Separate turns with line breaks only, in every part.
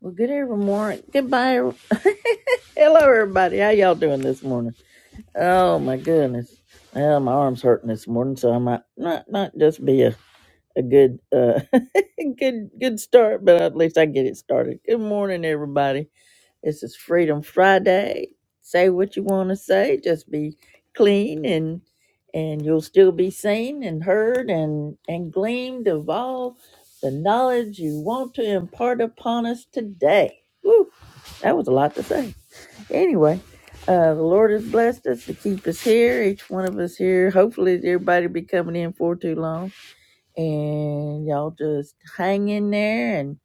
Well, good every morning. Goodbye. every- Hello, everybody. How y'all doing this morning? Oh my goodness. Well, my arm's hurting this morning, so I might not not just be a a good uh good good start, but at least I get it started. Good morning, everybody. This is Freedom Friday. Say what you want to say. Just be clean and and you'll still be seen and heard and and gleamed of all the knowledge you want to impart upon us today. Woo! That was a lot to say. Anyway, uh, the Lord has blessed us to keep us here, each one of us here. Hopefully, everybody be coming in for too long, and y'all just hang in there. And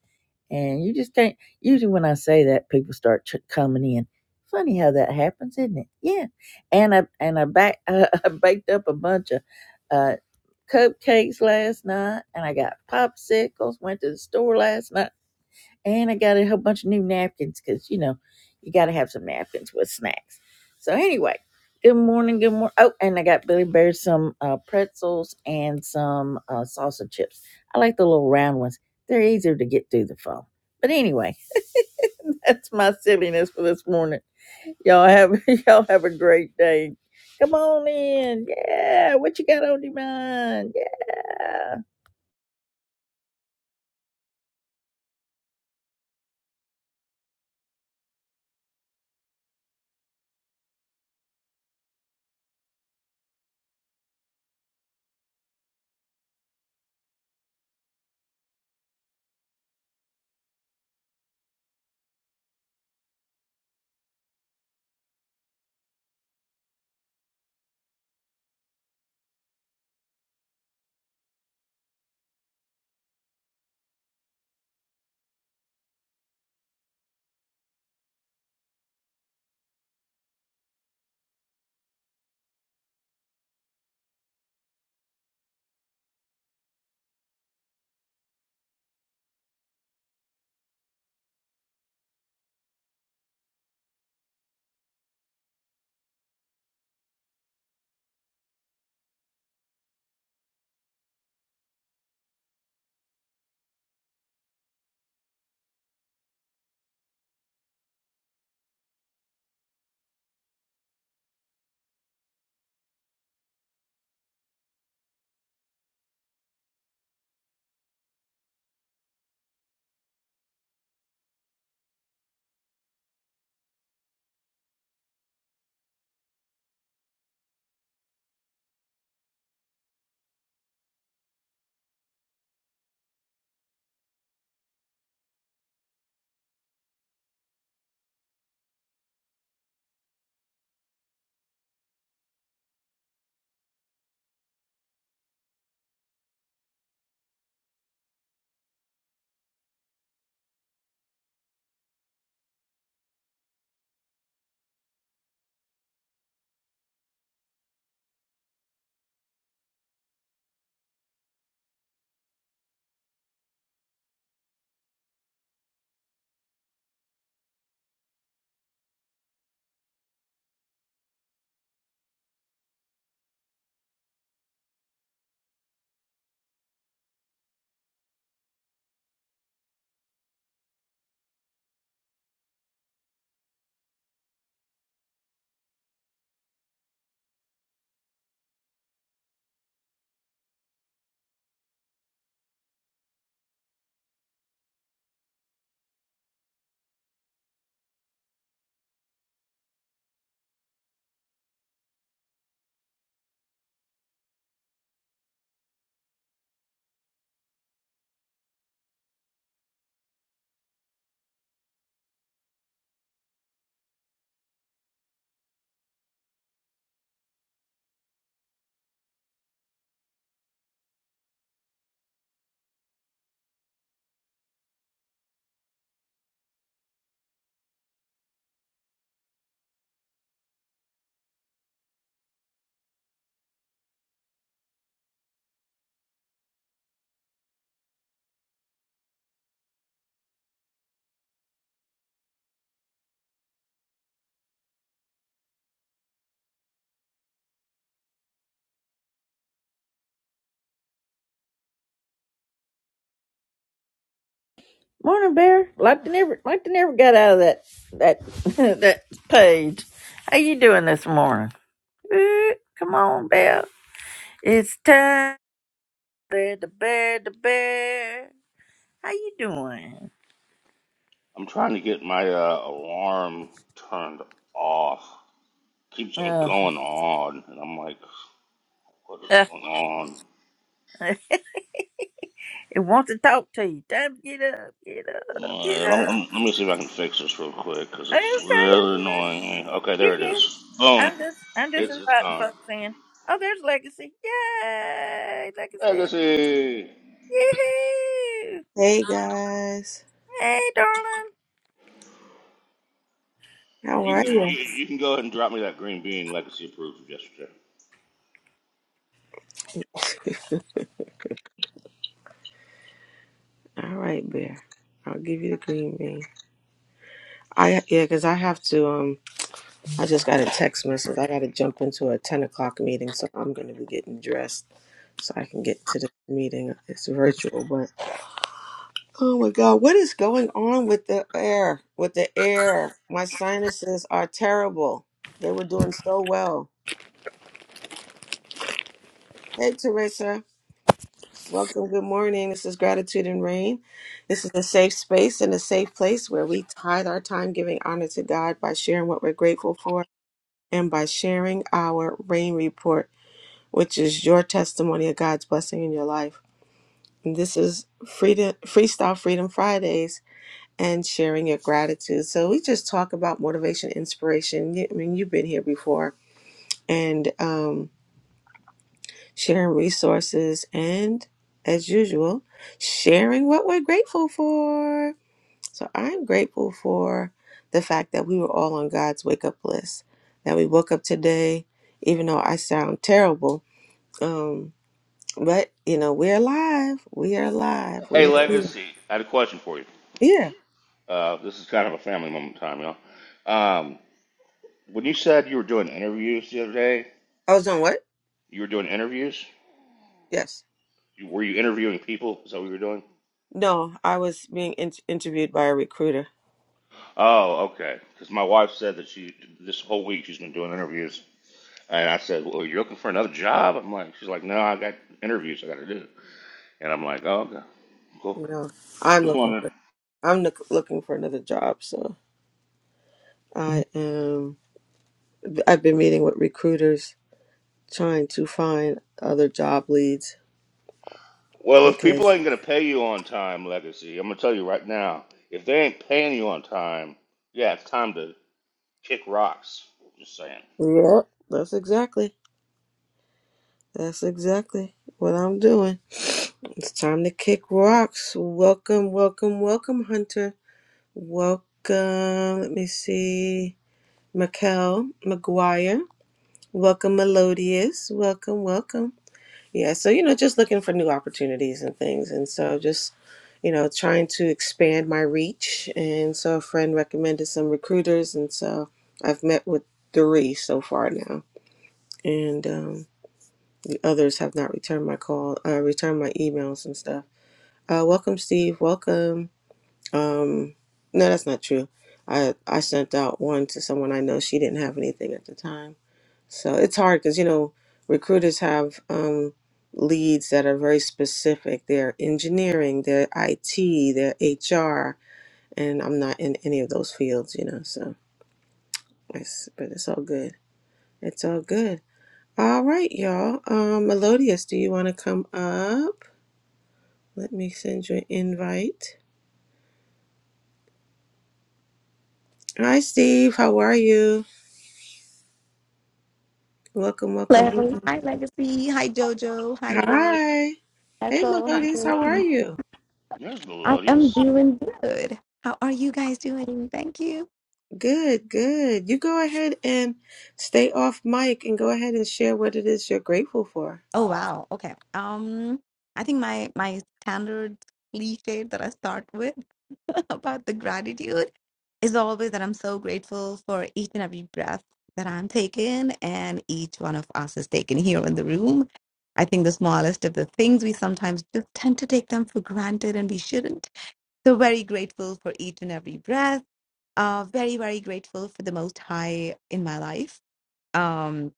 and you just can't. Usually, when I say that, people start ch- coming in. Funny how that happens, isn't it? Yeah. And I and I back I, baked up a bunch of uh, cupcakes last night, and I got popsicles. Went to the store last night and I got a whole bunch of new napkins because, you know, you got to have some napkins with snacks. So, anyway, good morning. Good morning. Oh, and I got Billy Bear some uh, pretzels and some uh, salsa chips. I like the little round ones, they're easier to get through the phone. But anyway, that's my silliness for this morning. Y'all have y'all have a great day. Come on in. Yeah. What you got on your mind? Yeah. Morning, Bear. Like they never, like they never got out of that that that page. How you doing this morning? Eh, Come on, Bear. It's time. Bear, the bear, the bear. How you doing?
I'm trying to get my uh, alarm turned off. Keeps on
Uh,
going on, and I'm like, what is
it
going on?
wants to talk to you. Time to get up, get up, get
Uh, let, me, let
up.
me see if I can fix this real quick because
Okay,
it's
you
really
good?
annoying me. Okay, there
You
it
good?
is. Boom.
I'm just, I'm just
It's it's
inviting
gone.
folks in. Oh, there's Legacy. Yay, Legacy.
Legacy.
Yee-hoo.
Hey guys,
Hey, darling.
how
You can
are
you,
you?
you can go ahead and drop me that green bean Legacy approved of yesterday.
All right, Bear. I'll give you the green bean. I yeah, cause I have to. Um, I just got a text message. I got to jump into a ten o'clock meeting, so I'm gonna be getting dressed so I can get to the meeting. It's virtual, but oh my god, what is going on with the air? With the air, my sinuses are terrible. They were doing so well. Hey, Teresa. Welcome. Good morning. This is Gratitude and Rain. This is a safe space and a safe place where we tithe our time giving honor to God by sharing what we're grateful for and by sharing our rain report, which is your testimony of God's blessing in your life. And this is Freedom Freestyle Freedom Fridays and sharing your gratitude. So we just talk about motivation, inspiration. I mean, you've been here before, and um, sharing resources, and as usual, sharing what we're grateful for. So I'm grateful for the fact that we were all on God's wake up list, that we woke up today, even though I sound terrible. Um, but, you know, we're alive. We are alive.
Hey
We're here.
Legacy, I had a question for you.
Yeah.
Uh, this is kind of a family moment in time, y'all. Um, when you said you were doing interviews the other day,
I was on what?
you were doing interviews.
Yes.
You, were you interviewing people? Is that what you were doing?
No, I was being in- interviewed by a recruiter.
Oh, okay. Because my wife said that she this whole week she's been doing interviews, and I said, "Well, you're looking for another job?" I'm like, she's like, "No, I got interviews I got to do," and I'm like, "Oh, okay, cool."
No, I'm
Just
looking
wondering.
for. I'm look- looking for another job, so I am. I've been meeting with recruiters trying to find other job leads
Well, if people
because
ain't gonna pay you on time, legacy, I'm gonna tell you right now, if they ain't paying you on time, yeah, it's time to kick rocks. Just saying.
yep, that's exactly that's exactly what I'm doing. It's time to kick rocks. Welcome, welcome, welcome, Hunter. Welcome. Let me see, Mikel McGuire. Welcome, Melodious. Welcome, welcome. Yeah, so you know, just looking for new opportunities and things, and so just you know, trying to expand my reach. And so a friend recommended some recruiters, and so I've met with three so far now, and um, the others have not returned my call, uh, returned my emails and stuff. Uh, welcome, Steve. Welcome. Um, no, that's not true. I I sent out one to someone I know. She didn't have anything at the time. So it's hard because, you know, recruiters have um, leads that are very specific. They're engineering, they're IT, they're HR, and I'm not in any of those fields, you know, so it's, but it's all good. It's all good. All right, y'all. Um, Melodious, do you want to come up? Let me send you an invite. Hi, Steve. How are you? Welcome, welcome,
Hello.
welcome.
Hi, Legacy. Hi, Jojo. Hi, Beer.
Hi. Hey,
Echo. Hi,
Melodious. How are
Lucy.
you?
There's
I am
Melodious.
doing good. How are you guys doing? Thank you.
Good, good. You go ahead and stay off mic and go ahead and share what it is you're grateful for.
Oh wow. Okay. Um, I think my my standard cliche that I start with about the gratitude is always that I'm so grateful for each and every breath that I'm taking and each one of us is taken here in the room. I think the smallest of the things we sometimes just tend to take them for granted and we shouldn't So very grateful for each and every breath. Uh, very, very grateful for the Most High in my life. Um,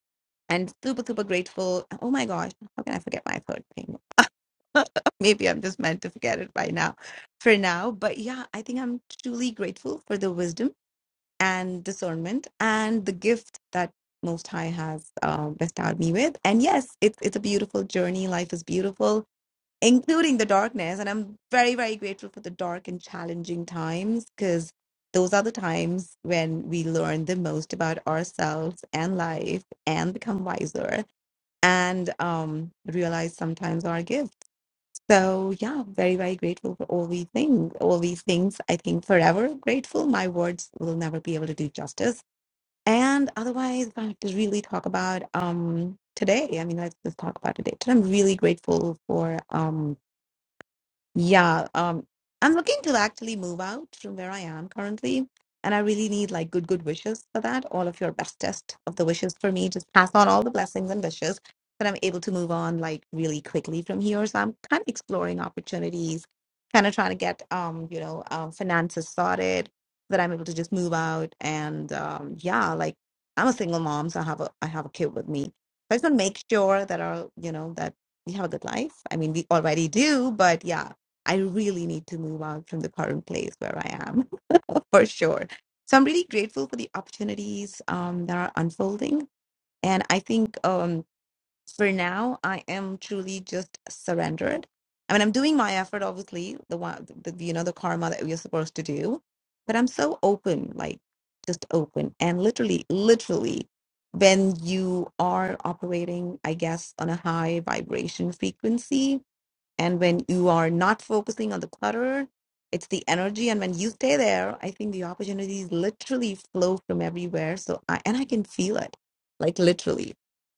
and super, super grateful. Oh my gosh, how can I forget my third thing? Maybe I'm just meant to forget it by now, for now. But yeah, I think I'm truly grateful for the wisdom and discernment and the gift that Most High has uh, bestowed me with. And yes, it's it's a beautiful journey. Life is beautiful including the darkness. And I'm very, very grateful for the dark and challenging times because those are the times when we learn the most about ourselves and life and become wiser and um, realize sometimes our gifts. So yeah, very, very grateful for all these things. All these things, I think forever grateful. My words will never be able to do justice. And otherwise, I have to really talk about um, today. I mean, let's just talk about today. Today, I'm really grateful for. um, yeah, um, I'm looking to actually move out from where I am currently, and I really need like good, good wishes for that. All of your bestest of the wishes for me. Just pass on all the blessings and wishes that I'm able to move on like really quickly from here. So I'm kind of exploring opportunities, kind of trying to get um, you know, um, finances sorted so that I'm able to just move out. And um, yeah, like I'm a single mom, so I have a I have a kid with me. So I just want to make sure that our, you know, that we have a good life. I mean, we already do, but yeah I really need to move out from the current place where I am for sure. So I'm really grateful for the opportunities um, that are unfolding. And I think um, for now, I am truly just surrendered. I mean, I'm doing my effort, obviously, the one, the, the, you know, the karma that we're supposed to do. But I'm so open, like just open. And literally, literally, when you are operating, I guess, on a high vibration frequency, and when you are not focusing on the clutter, it's the energy. And when you stay there, I think the opportunities literally flow from everywhere. So I and I can feel it, like literally.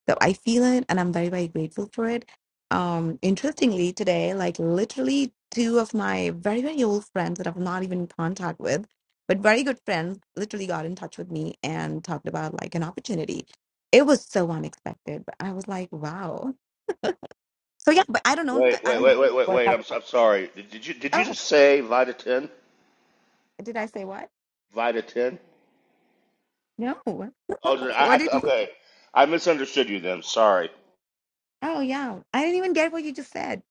So I feel it and I'm very, very grateful for it. Um, interestingly, today, like literally two of my very, very old friends that I'm not even in contact with, but very good friends, literally got in touch with me and talked about like an opportunity. It was so unexpected, but I was like, wow. So yeah, but I don't know. I,
Wait,
I
wait,
don't
wait, wait, wait, wait.
know.
I'm, I'm sorry. Did, did you did you
Oh,
just say Vita Ten?
did I say what?
Vita Ten?
No.
Oh,
What
I,
did?
I, okay. I misunderstood you then. Sorry.
Oh, yeah. I didn't even get what you just said,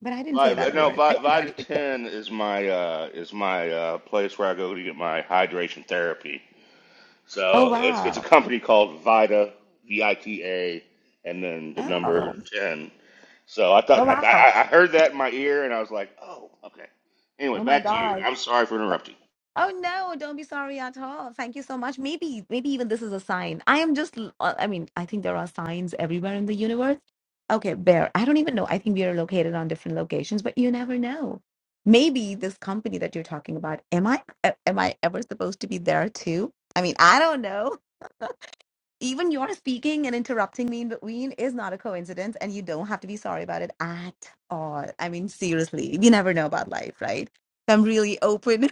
but I didn't
My,
say that
no,
word. I
Vi-
did not
Vita
even get.
Ten is my uh, is my uh, place where I go to get my hydration therapy.
Oh
So it's it's a
wow.
company called Vita V I T A, and then the number
Oh.
ten. So I
Oh
thought I,
wow.
I I heard that in my ear, and I was like, oh, okay. Anyway,
Oh my
back to you.
God.
I'm sorry for interrupting.
Oh no! Don't be sorry at all. Thank you so much. Maybe, maybe even this is a sign. I am just. l- uh, I mean, I think there are signs everywhere in the universe. Okay, Bear. I don't even know. I think we are located on different locations, but you never know. Maybe this company that you're talking about. Am I? a- Am I ever supposed to be there too? I mean, I don't know. even your speaking and interrupting me in between is not a coincidence and you don't have to be sorry about it at all i mean seriously you never know about life right so i'm really open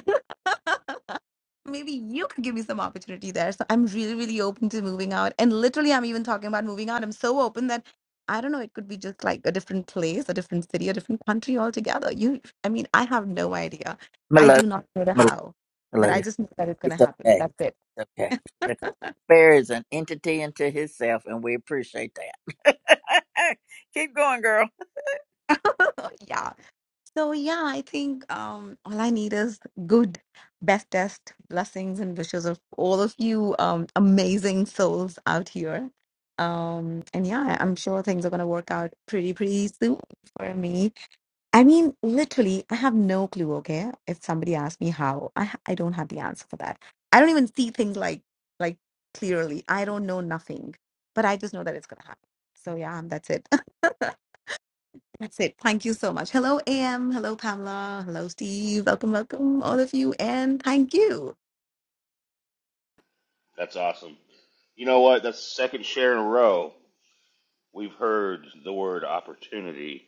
maybe you could give me some opportunity there so i'm really really open to moving out and literally i'm even talking about moving out i'm so open that i don't know it could be just like a different place a different city a different country altogether you i mean i have no idea i
Melodious,
do not know the
melodious,
how but i
melodious.
just know that it's going to
It's
happen
okay.
that's it
It's okay. The bear is an entity unto himself, and we appreciate that. Keep going, girl.
yeah So yeah, I think um, all I need is good, bestest blessings and wishes of all of you um, amazing souls out here. Um, and yeah, I'm sure things are gonna work out pretty, pretty soon for me. I mean, literally, I have no clue, okay? If somebody asks me how, I ha- I don't have the answer for that. I don't even see things like like clearly. I don't know nothing, but I just know that it's gonna happen. So yeah, that's it. That's it. Thank you so much. Hello, AM. Hello, Pamela. Hello, Steve. Welcome, welcome, all of you. And thank you.
That's awesome. You know what? That's the second share in a row we've heard the word opportunity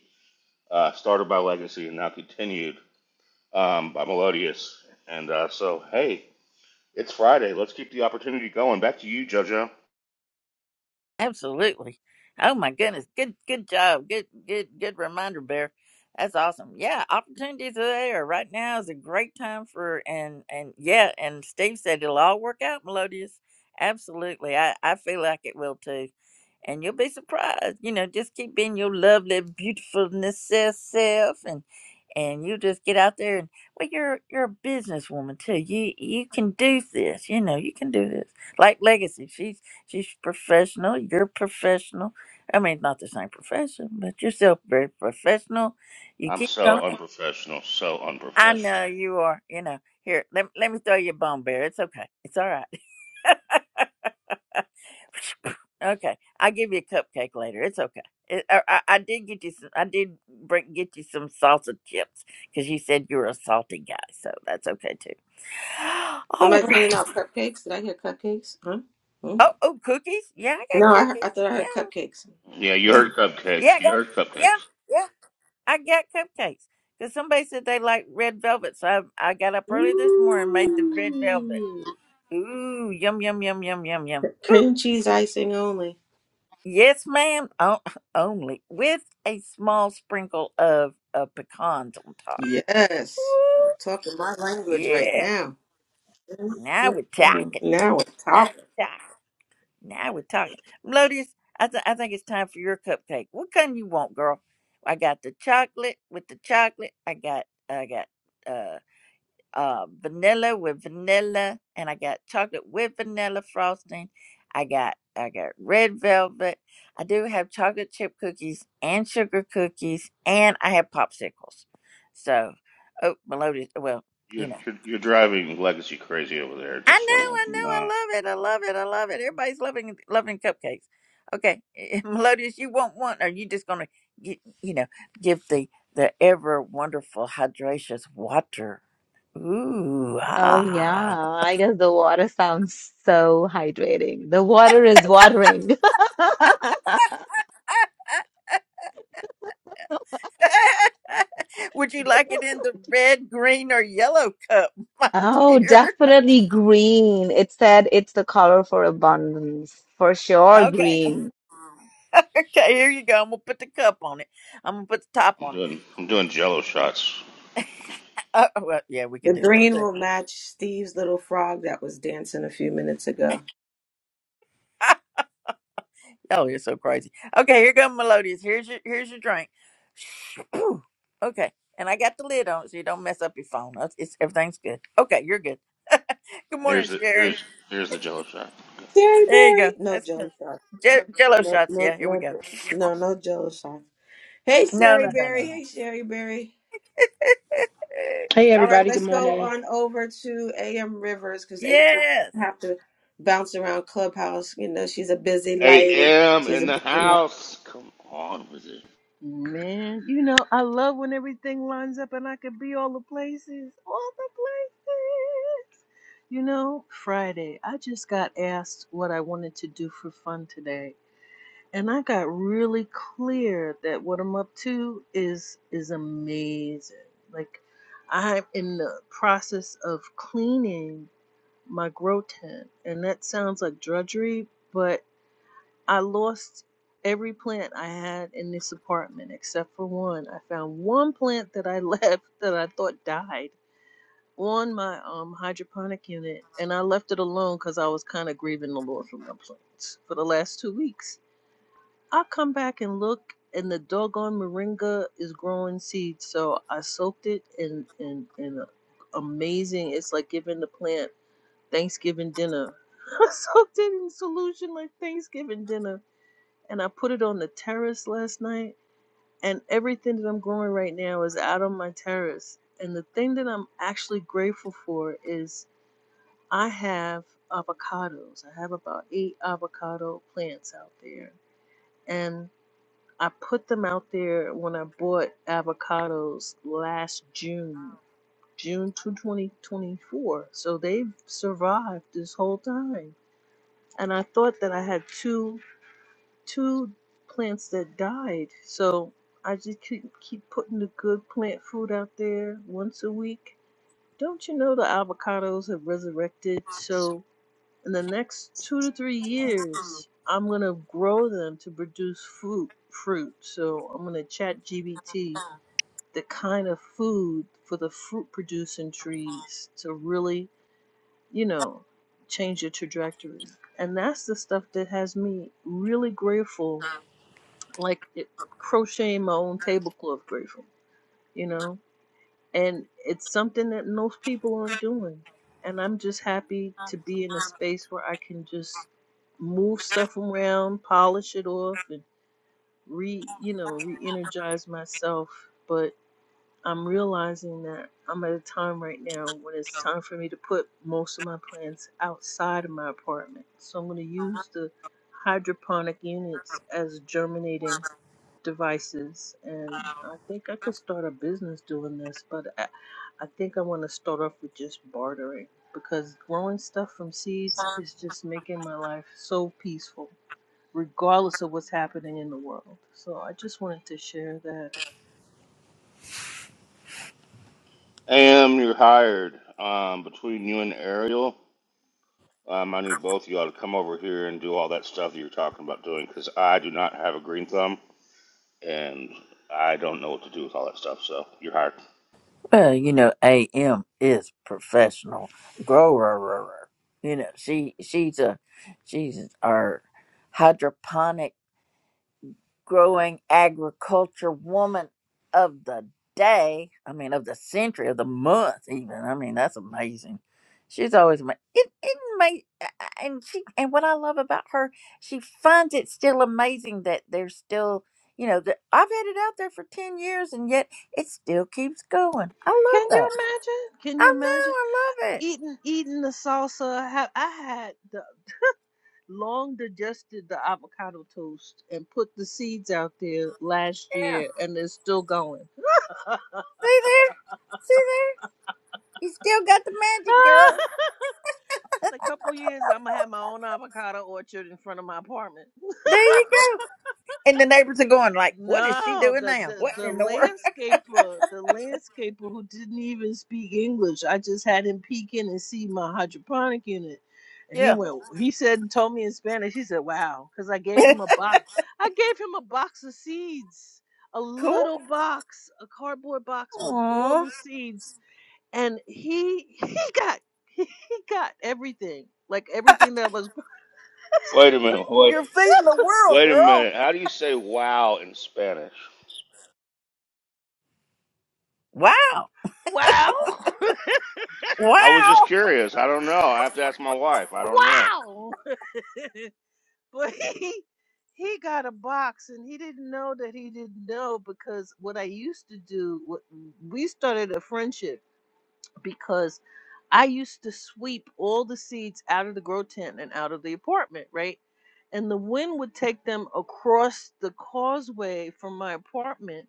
uh, started by Legacy and now continued um, by Melodious. And uh, so, hey, it's Friday. Let's keep the opportunity going. Back to you, JoJo.
Absolutely. Oh my goodness. Good good job. Good good good reminder, Bear. That's awesome. Yeah, opportunities are there. Right now is a great time for and and yeah, and Steve said it'll all work out, Melodious. Absolutely. I, I feel like it will too. And you'll be surprised. You know, just keep being your lovely, beautifulness uh, self and and you just get out there and well you're you're a businesswoman too. You you can do this, you know, you can do this. Like legacy. She's professional. You're professional. I mean, not the same profession, but you're still very professional. You
I'm
keep
so
going.
unprofessional. So
I
unprofessional.
know you are. You know, here, let, let me throw you a bone bear. It's okay. It's all right. okay. I'll give you a cupcake later. It's okay. It, I, I I did get you some, I did bring, get you some salsa chips because you said you were a salty guy. So that's okay too. All
Somebody's handing
right.
out cupcakes. Did I hear cupcakes? Huh? Hmm?
Oh, oh, cookies. Yeah, I got
No, I, heard, I
cookies.
thought I
Yeah.
heard cupcakes.
Yeah, you heard
Yeah,
cupcakes.
I
You
got,
heard cupcakes.
yeah. yeah. I got cupcakes because somebody said they like red velvet. So I, I got up early this morning and made the red velvet.
Ooh.
Ooh, yum, yum, yum, yum, yum, yum. Ooh,
Cream cheese icing only.
yes, ma'am. Oh, only with a small sprinkle of, of pecans on top.
Yes.
Ooh,
Talking my language right
yeah.
now.
Now we're
Mm,
talking.
Now we're
Now
talking.
we're talking. Now we're talking. Melodious, I, th- I think it's time for your cupcake. What kind you want, girl? I got the chocolate with the chocolate. I got, I got. uh. uh, vanilla with vanilla, and I got chocolate with vanilla frosting. I got I got red velvet. I do have chocolate chip cookies and sugar cookies, and I have popsicles. So, oh, melodious. Well, you
You're,
know,
you're, you're driving Legacy crazy over there.
I know,
Just want to
I
let you
know, I
know.
love it, I love it, I love it. Everybody's loving loving cupcakes. Okay, melodious. You want one, or you just gonna get you know give the the ever wonderful hydracious water. Ooh,
Oh, yeah.
ah.
I guess the water sounds so hydrating. The water is watering.
Would you like it in the red, green, or yellow cup, my
Oh,
dear?
definitely green. It said it's the color for abundance. For sure,
Okay.
green.
Okay, here you go. I'm gonna put the cup on it. I'm gonna put the top
I'm
on it.
doing I'm doing Jello shots.
Uh, oh, well, yeah, we
The
could do that
green
too.
will match Steve's little frog that was dancing a few minutes ago.
you are so crazy. Okay, here comes Melodious. Here's your here's your drink. okay, and I got the lid on it so you don't mess up your phone. It's, it's everything's good. Okay, you're good. Good
And here's
morning,
the here's
Sherry.
here's the Jello shot.
Cherry
There you go.
berry. No,
That's good.
Jones.
J- Jello
No,
shots.
no,
Yeah, here we
no,
go.
no, no jealous sign. Hey,
No,
Sherry
no, no, no,
Berry.
no.
Hey, Sherry Berry.
Hey
All right,
everybody, good
let's go
morning.
on over to AM Rivers because AM Rivers
Yes.
doesn't have to bounce around Clubhouse. You know, she's a busy lady.
A.M.
She's a
in the
busy lady.
house. Come on with it.
Man, you know, I love when everything lines up and I could be all the places, all the places. You know, Friday, I just got asked what I wanted to do for fun today, and I got really clear that what I'm up to is is amazing. Like I'm in the process of cleaning my grow tent, and that sounds like drudgery, but. I lost every plant I had in this apartment except for one. I found one plant that I left that I thought died on my um hydroponic unit and I left it alone cuz I was kind of grieving the loss of my plants for the last 2 weeks. I come back and look and the doggone moringa is growing seeds. So I soaked it in in in a amazing it's like giving the plant Thanksgiving dinner. I soaked it in solution like Thanksgiving dinner and I put it on the terrace last night. And everything that I'm growing right now is out on my terrace. And the thing that I'm actually grateful for is I have avocados. I have about eight avocado plants out there. And I put them out there when I bought avocados last June, June 2, 2024. So they've survived this whole time. And I thought that I had two two plants that died. So I just keep keep putting the good plant food out there once a week. Don't you know the avocados have resurrected? So in the next two to three years, I'm gonna grow them to produce fruit. Fruit. So I'm gonna chat GBT the kind of food for the fruit producing trees to really, you know, change the trajectory. And that's the stuff that has me really grateful like it, crochet my own tablecloth grateful, you know? And it's something that most people aren't doing. And I'm just happy to be in a space where I can just move stuff around, polish it off, and re, you know, re energize myself. But I'm realizing that I'm at a time right now when it's time for me to put most of my plants outside of my apartment. So I'm going to use the hydroponic units as germinating devices and i think i could start a business doing this but i, I think i want to start off with just bartering because growing stuff from seeds is just making my life so peaceful regardless of what's happening in the world so i just wanted to share that
A.M. You're hired. Um, between you and Ariel. Um, I need both of y'all to come over here and do all that stuff that you're talking about doing because I do not have a green thumb and I don't know what to do with all that stuff. So you're hired.
Well, you know, AM is professional grower. You know, she she's a she's our hydroponic. growing agriculture woman of the day. I mean, of the century, of the month, even. I mean, that's amazing. She's always ma- it, it may, and she and what I love about her, she finds it still amazing that there's still you know that I've had it out there for ten years and yet it still keeps going. I love
can
that.
you imagine can you
I know,
imagine
I love it.
eating eating the salsa i had, I had the long digested the avocado toast and put the seeds out there last
Yeah,
year and they're still going
see there, see there, you still got the magic, girl.
In a couple years, I'm gonna have my own avocado orchard in front of my apartment.
There you go. And the neighbors are going like, "What is she
No,
doing
the
now?
the
What
the
in the world?"
landscaper, the landscaper who didn't even speak English. I just had him peek in and see my hydroponic unit, and he
Yeah,
went. He said and told me in Spanish. He said, "Wow," because I gave him a box. I gave him a box of seeds, a
cool.
little box, a cardboard box with all
Aw,
the seeds, and he he got he got everything, like everything that was.
Wait a minute. Wait,
you're
so
feeding the world,
wait a
girl.
minute. How do you say wow in Spanish?
Wow,
Wow.
wow.
I was just curious. I don't know. I have to ask my wife. I don't know.
wow. but he he got a box and he didn't know that he didn't know because what I used to do what we started a friendship because I used to sweep all the seeds out of the grow tent and out of the apartment, right? And the wind would take them across the causeway from my apartment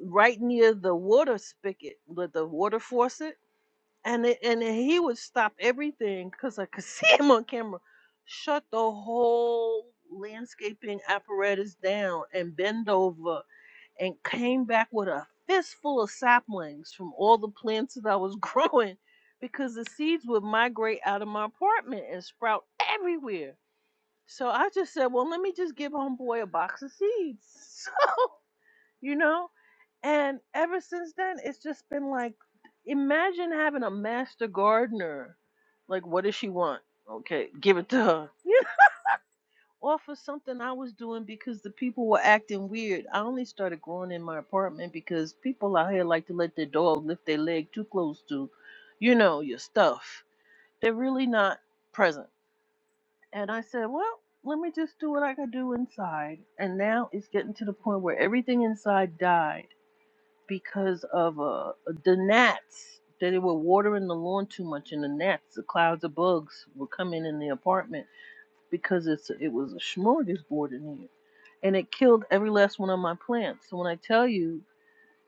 right near the water spigot, with the water faucet and it, and then he would stop everything because I could see him on camera, shut the whole landscaping apparatus down and bend over and came back with a fistful of saplings from all the plants that I was growing because the seeds would migrate out of my apartment and sprout everywhere. So I just said, well, let me just give homeboy a box of seeds. So you know? And ever since then, it's just been like, imagine having a master gardener. Like, what does she want? Okay, give it to her. Yeah. Or for something I was doing because the people were acting weird. I only started growing in my apartment because people out here like to let their dog lift their leg too close to, you know, your stuff. They're really not present. And I said, well, let me just do what I could do inside. And now it's getting to the point where everything inside died because of uh, the gnats. That they were watering the lawn too much, and the gnats, the clouds of bugs, were coming in the apartment because it's it was a smorgasbord in here, and it killed every last one of my plants. So when I tell you,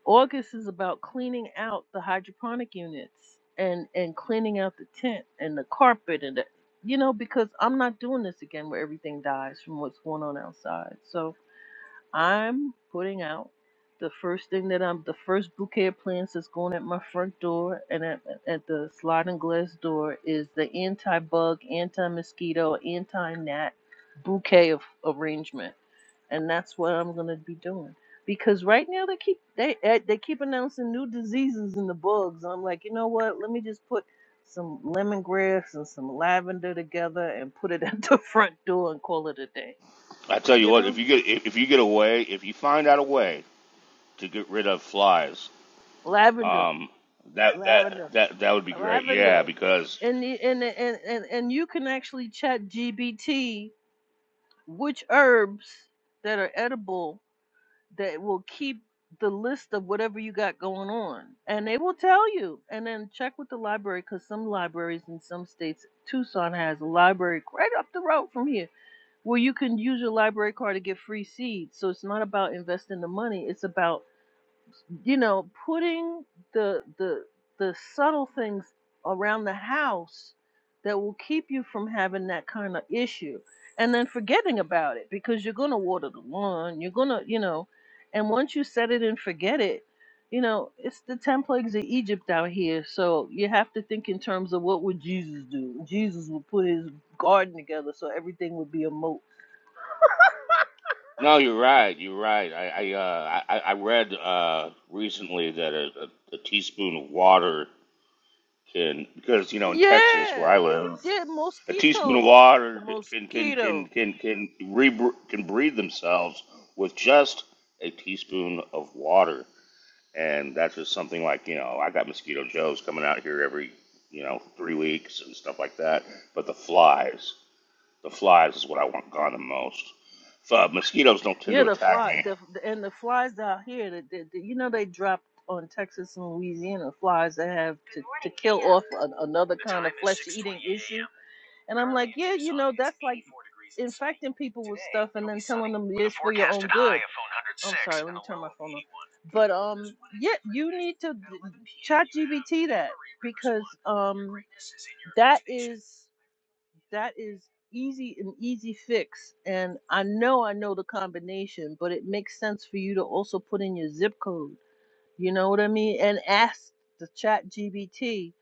August is about cleaning out the hydroponic units and and cleaning out the tent and the carpet and the, you know because I'm not doing this again where everything dies from what's going on outside. So I'm putting out the first thing that I'm the first bouquet of plants that's going at my front door and at, at the sliding glass door is the anti-bug, anti-mosquito, anti-gnat bouquet of arrangement, and that's what I'm gonna be doing. Because right now they keep they eh, they keep announcing new diseases and the bugs. I'm like, you know what? Let me just put some lemongrass and some lavender together and put it at the front door and call it a day.
I tell you
You
what, if
know,
you get if, if you get a way, if you find out a way to get rid of flies,
lavender.
um, that that
Lavender,
that that would be great. Yeah,
lavender,
because
and the, and, the, and and and you can actually chat GBT which herbs that are edible that will keep the list of whatever you got going on, and they will tell you. And then check with the library because some libraries in some states, Tucson has a library right up the road from here where you can use your library card to get free seeds. So it's not about investing the money; it's about you know, putting the the the subtle things around the house that will keep you from having that kind of issue and then forgetting about it because you're going to water the lawn, you're going to, you know, and once you set it and forget it, you know, it's the 10 plagues of Egypt out here. So you have to think in terms of what would Jesus do? Jesus would put his garden together so everything would be a moat.
No, you're right. You're right. I I uh, I, I read uh, recently that a, a, a teaspoon of water can because you know in Texas where
Yeah.
I live,
Yeah,
a teaspoon of
mosquitoes.
water can can can
Mosquito.
can can re- can breed themselves with just a teaspoon of water, and that's just something like you know I got mosquito joes coming out here every you know three weeks and stuff like that. But the flies, the flies is what I want gone the most. Uh, mosquitoes don't tend
Yeah,
to
the
attack
fly,
me.
the, and the flies out here, the, the, the- you know, they dropped on Texas and Louisiana flies that have to, to kill off an, another kind of flesh eating issue. And I'm like, yeah, you know, that's like infecting people with stuff and then telling them it's for your own good. I'm sorry, let me turn my phone off. But um, yeah, you need to chat GBT that because um, that is. that is easy an easy fix and i know i know the combination but it makes sense for you to also put in your zip code you know what i mean and ask the chat gbt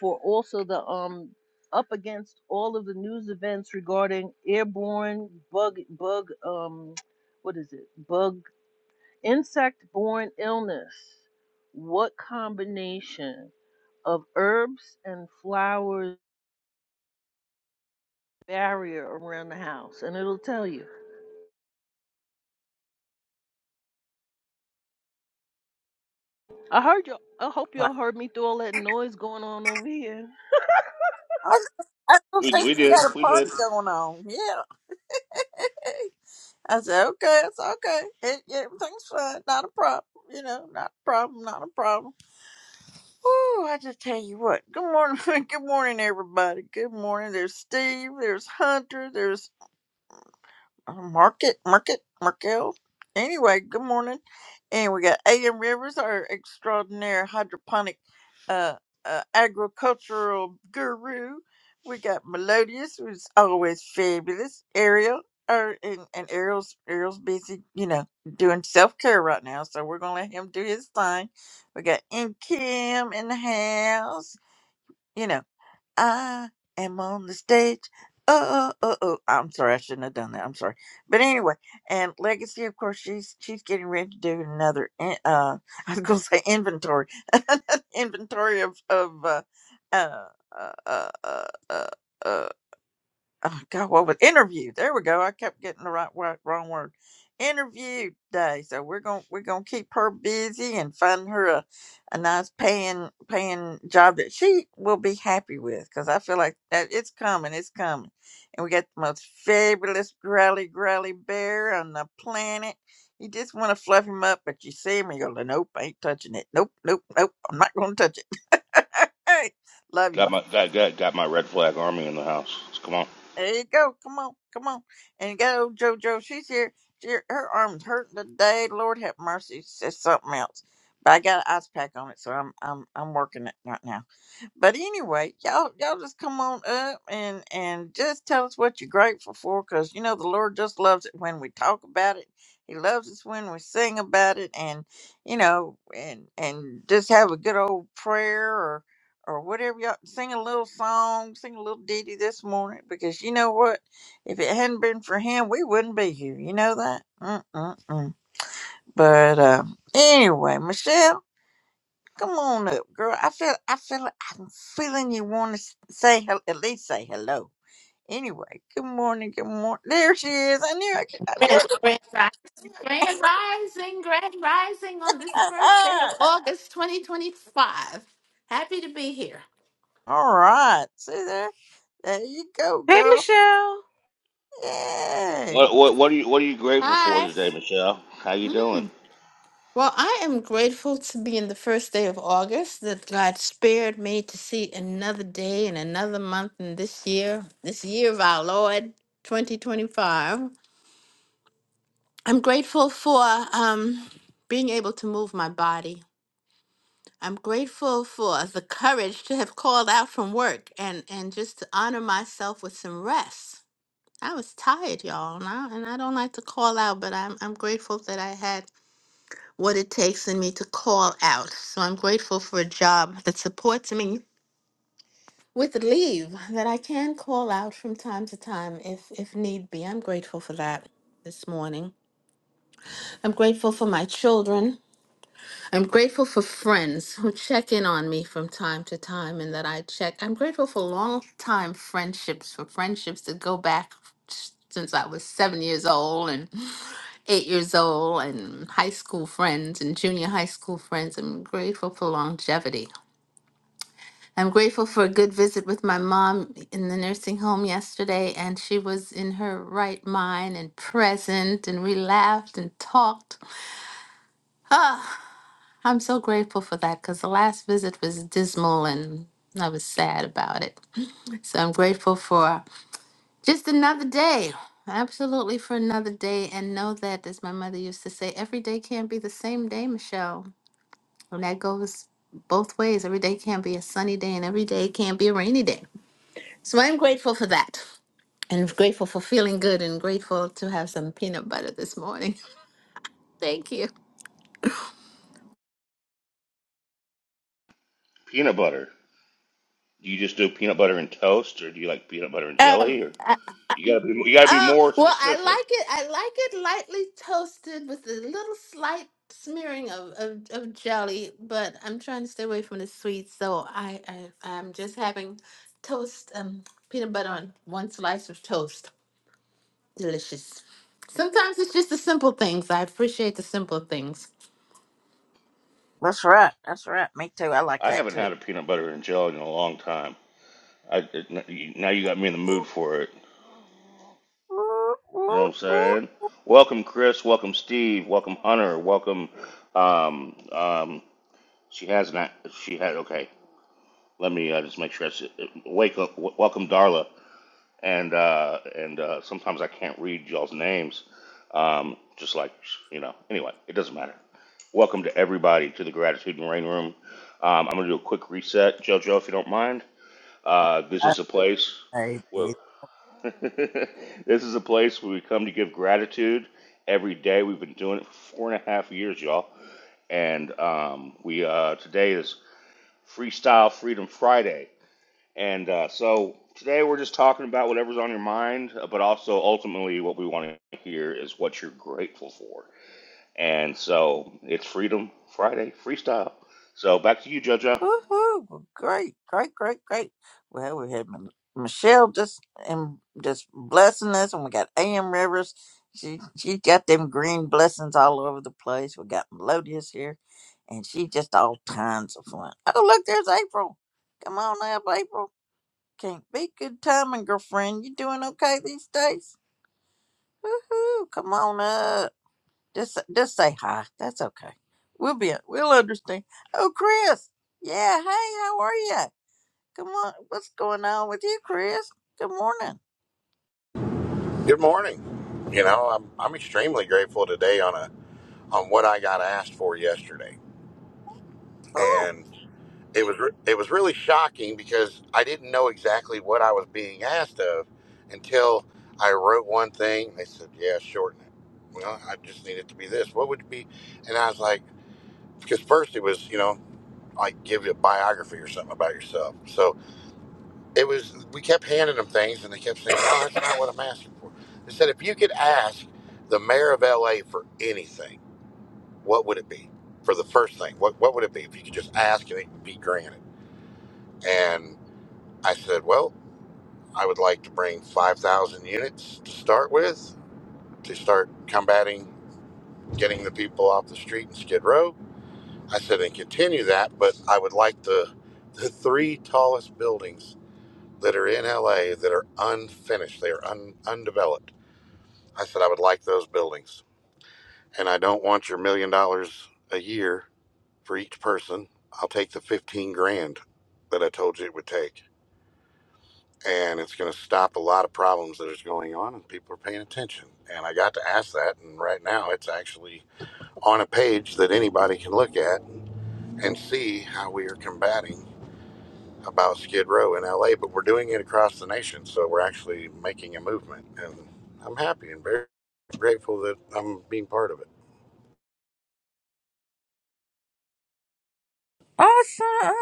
for also the um up against all of the news events regarding airborne bug bug um what is it bug insect borne illness what combination of herbs and flowers barrier around the house, and it'll tell you. I heard you. I hope
wow.
y'all heard me through all that noise going on over here.
I, was, I don't
We
think
we
you
did
got a
we
party
did.
going on. Yeah. I said, okay, it's okay. It, everything's fine. Not a problem. You know, not a problem. Not a problem. Oh, I just tell you what. Good morning. Good morning, everybody. Good morning. There's Steve. There's Hunter. There's Uh, Market, Market, Markel. Anyway, good morning. And we got AM Rivers, our extraordinary hydroponic uh, uh, agricultural guru. We got Melodious, who's always fabulous. Ariel, or, and, and Ariel's Ariel's busy, you know, doing self care right now. So we're going to let him do his thing. We got M. Kim in the house. You know. I am on the stage. Oh, oh, oh, oh. I'm sorry, I shouldn't have done that. I'm sorry. But anyway, and Legacy, of course, she's she's getting ready to do another. in- Uh, I was gonna say inventory, inventory of of uh, uh, uh, uh, uh, uh, oh God, what was interview? There we go. I kept getting the right word, wrong word. Interview day. So we're gonna we're gonna keep her busy and find her a, a nice paying paying job that she will be happy with. Cause I feel like that it's coming, it's coming. And we got the most fabulous growly growly bear on the planet. You just want to fluff him up, but you see him and you go, nope, I ain't touching it. Nope, nope, nope. I'm not gonna touch it. Love you,
Got my got got, got my red flag army in the house. So come on.
There you go. Come on, come on. And you got old JoJo. She's here. She, her arm's hurting today. Lord have mercy. It's something else. But I got an ice pack on it, so I'm I'm I'm working it right now. But anyway, y'all y'all just come on up and and just tell us what you're grateful for, cause you know the Lord just loves it when we talk about it. He loves us when we sing about it, and you know, and and just have a good old prayer or or whatever y'all sing a little song, sing a little ditty this morning, because you know what, if it hadn't been for Him, we wouldn't be here. You know that. Mm-mm-mm. But uh, anyway, Michelle. Come on up, girl. I feel, I feel, like I'm feeling you want to say, hel- at least say hello. Anyway, good morning, good morning. There she is. I knew I could, I knew
Grand,
I could.
grand rising, grand rising, grand rising on this first day of
Ah,
August 2025. Happy to be here.
All right. See there? There you go,
Hey,
girl.
Michelle.
Yay.
What what what are you what are you grateful for
Hi.
today, Michelle? How you doing?
Mm. Well, I am grateful to be in the first day of August that God spared me to see another day and another month in this year, this year of our Lord 2025. I'm grateful for um, being able to move my body. I'm grateful for the courage to have called out from work and, and just to honor myself with some rest. I was tired, y'all, and I, and I don't like to call out, but I'm, I'm grateful that I had what it takes in me to call out. So I'm grateful for a job that supports me with leave that I can call out from time to time if, if need be. I'm grateful for that this morning. I'm grateful for my children. I'm grateful for friends who check in on me from time to time and that I check. I'm grateful for long time friendships, for friendships that go back since I was seven years old and eight years old, and high school friends and junior high school friends. I'm grateful for longevity. I'm grateful for a good visit with my mom in the nursing home yesterday, and she was in her right mind and present, and we laughed and talked. I'm so grateful for that because the last visit was dismal and I was sad about it. So I'm grateful for just another day. Absolutely for another day. And know that, as my mother used to say, every day can't be the same day, Michelle. And that goes both ways. Every day can't be a sunny day and every day can't be a rainy day. So I'm grateful for that. And grateful for feeling good and grateful to have some peanut butter this morning. Thank you.
Peanut butter. Do you just do peanut butter and toast, or do you like peanut butter and jelly?
Um,
Or you gotta be you gotta be
Oh,
more
well, I
specific.
like it. I like it lightly toasted with a little slight smearing of, of, of jelly, but I'm trying to stay away from the sweets, so I, I I'm just having toast, um, peanut butter on one slice of toast. Delicious. Sometimes it's just the simple things. I appreciate the simple things.
That's right. That's right. Me too. I like
I
that
haven't
too.
had a peanut butter and jelly in a long time. I it, now you got me in the mood for it.
Whoop,
You know what
whoop,
I'm
whoop.
saying? Welcome Chris. Welcome Steve. Welcome Hunter. Welcome. Um um. She has not. She had okay. Let me uh, just make sure. It's, wake up, w- welcome, Darla. And uh, and uh, sometimes I can't read y'all's names. Um, just like you know. Anyway, it doesn't matter. Welcome to everybody to the Gratitude and Rain Room. Um, I'm gonna do a quick reset, JoJo, if you don't mind. Uh, this is a place
Okay,
where this is a place where we come to give gratitude every day. We've been doing it for four and a half years, y'all. And um, we uh, today is Freestyle Freedom Friday. And uh, so today we're just talking about whatever's on your mind, uh, but also ultimately what we want to hear is what you're grateful for. And so it's Freedom Friday freestyle. So back to you, JoJo.
Woohoo! Great, great, great, great. Well, we had M- Michelle just and just blessing us, and we got A.M. Rivers. She she got them green blessings all over the place. We got Melodious here, and she just all kinds of fun. Oh, look, there's April. Come on up, April. Can't be good timing, girlfriend. You doing okay these days? Woohoo! Come on up. Just just say hi. That's okay. We'll be we'll understand. Oh, Chris. Yeah. Hey, how are you? Come on, What's going on with you, Chris? Good morning.
Good morning. You know, I'm I'm extremely grateful today on a on what I got asked for yesterday,
Oh,
and it was re- it was really shocking because I didn't know exactly what I was being asked of until I wrote one thing. They said, "Yeah, shorten it." Well, I just need it to be this. What would it be? And I was like, because first it was you know like give a biography or something about yourself. So it was we kept handing them things and they kept saying no that's not what i'm asking for they said if you could ask the mayor of la for anything what would it be for the first thing what, what would it be if you could just ask and it would be granted and i said well i would like to bring 5000 units to start with to start combating getting the people off the street in skid row i said and continue that but i would like the the three tallest buildings that are in la that are unfinished they are un, undeveloped I said, I would like those buildings. And I don't want your million dollars a year for each person. I'll take the 15 grand that I told you it would take. And it's going to stop a lot of problems that is going on, and people are paying attention. And I got to ask that, and right now it's actually on a page that anybody can look at and see how we are combating about Skid Row in LA. But we're doing it across the nation, so we're actually making a movement. And I'm happy and very grateful that I'm being part of it.
Awesome.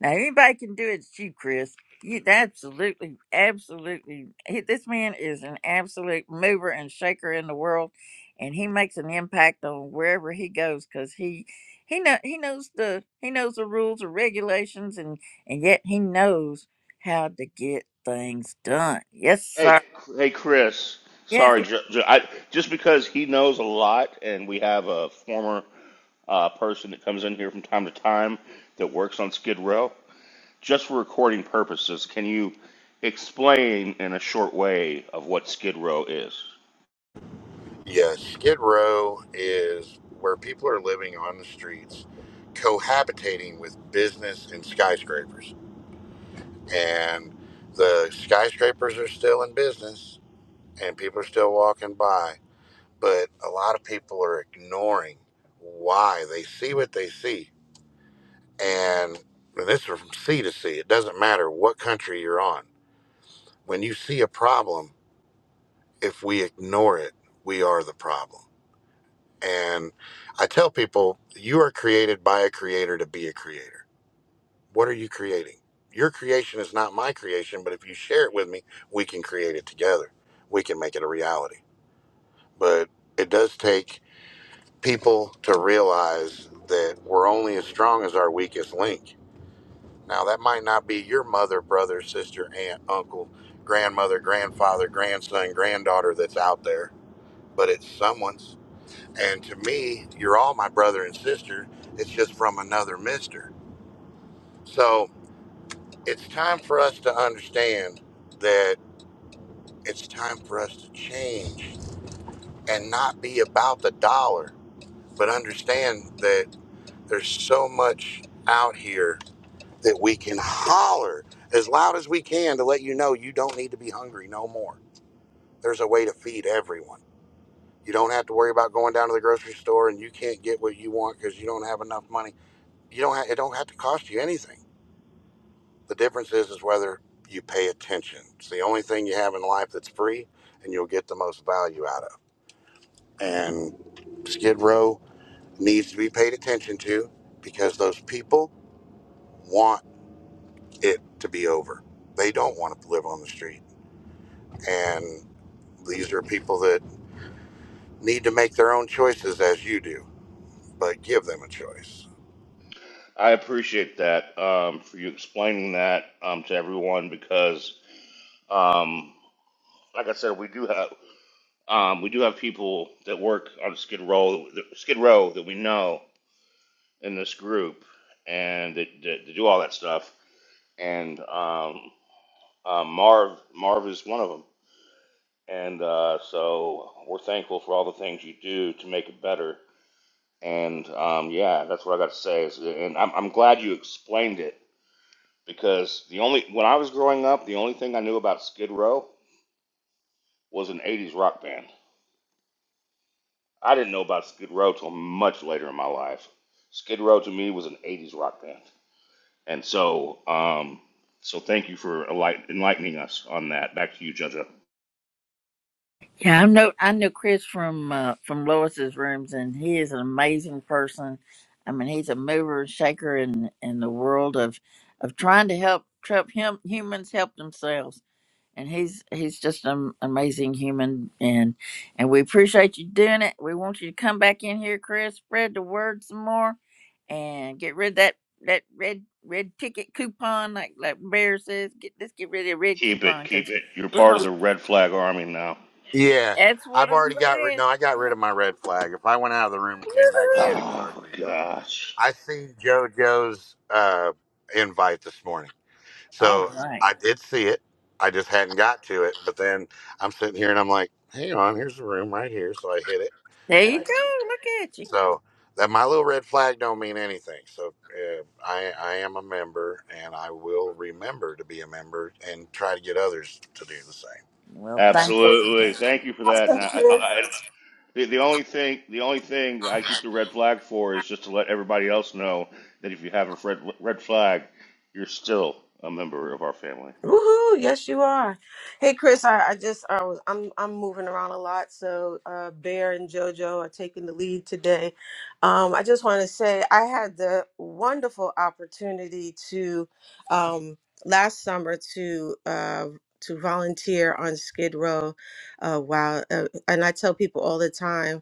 Now anybody can do it. It's you, Chris. You absolutely, absolutely. He, this man is an absolute mover and shaker in the world, and he makes an impact on wherever he goes because he he know he knows the he knows the rules and regulations, and and yet he knows how to get things done. Yes,
Hey,
sir.
hey, Chris.
Yes,
Sorry, jo- Jo- I, just because he knows a lot, and we have a former uh, person that comes in here from time to time that works on Skid Row. Just for recording purposes, can you explain in a short way of what Skid Row is?
Yeah, Skid Row is where people are living on the streets, cohabitating with business and skyscrapers. And the skyscrapers are still in business and people are still walking by. But a lot of people are ignoring why they see what they see. And this is from sea to sea. It doesn't matter what country you're on. When you see a problem, if we ignore it, we are the problem And I tell people, you are created by a creator to be a creator. What are you creating? Your creation is not my creation, but if you share it with me, we can create it together. We can make it a reality. But it does take people to realize that we're only as strong as our weakest link. Now, that might not be your mother, brother, sister, aunt, uncle, grandmother, grandfather, grandson, granddaughter that's out there, but it's someone's And to me, you're all my brother and sister. It's just from another mister. So it's time for us to understand that it's time for us to change and not be about the dollar, but understand that there's so much out here that we can holler as loud as we can to let you know you don't need to be hungry no more. There's a way to feed everyone. You don't have to worry about going down to the grocery store and you can't get what you want because you don't have enough money You don't have, it don't have to cost you anything. The difference is is whether you pay attention. It's the only thing you have in life that's free, and you'll get the most value out of. And Skid Row needs to be paid attention to because those people want it to be over. They don't want to live on the street, and these are people that need to make their own choices as you do, but give them a choice.
I appreciate that um, for you explaining that um, to everyone because, um, like I said, we do have um, we do have people that work on Skid Row, Skid Row that we know in this group, and that, that, that do all that stuff. And um, uh, Marv Marv is one of them, and uh, so we're thankful for all the things you do to make it better. And um, yeah, that's what I got to say. Is, and I'm, I'm glad you explained it because the only when I was growing up, the only thing I knew about Skid Row was an '80s rock band. I didn't know about Skid Row till much later in my life. Skid Row to me was an '80s rock band, and so um, so thank you for enlight- enlightening us on that. Back to you, Jojo.
Yeah, I know I know Chris from uh, from Lois's rooms, and he is an amazing person. I mean, he's a mover and shaker in in the world of of trying to help help him humans help themselves. And he's he's just an amazing human, and and we appreciate you doing it. We want you to come back in here, Chris. Spread the word some more, and get rid of that that red red ticket coupon, like like Bear says. Get let's get rid of the red
Keep it,
coupon
keep
because
it. You're
we're
part of
gonna.
the Red Flag Army now.
Yeah,
That's what
I've
I'm
already got rid. No, I got
saying.
rid of my red flag. If I went out of the room and came back in,
Woohoo!
it would already
Oh
be gone.
gosh.
I seen JoJo's uh, invite this morning,
All
so
right.
I did see it. I just hadn't got to it. But then I'm sitting here and I'm like, "Hang on, here's the room right here." So I hit it,
There
and
you
I
go. Look at you.
so that my little red flag don't mean anything. So uh, I I am a member, and I will remember to be a member and try to get others to do the same.
Well, thank you so
Absolutely.
much.
Thank you for that. And I, I, The, the only thing the only thing I keep the red flag for is just to let everybody else know that if you have a red red flag, you're still a member of our family.
Woohoo! Yes, you are. Hey, Chris, I, I just I was I'm I'm moving around a lot, so uh, Bear and JoJo are taking the lead today. Um, I just want to say I had the wonderful opportunity to um, last summer to uh, to volunteer on Skid Row. Uh, while uh, and I tell people all the time.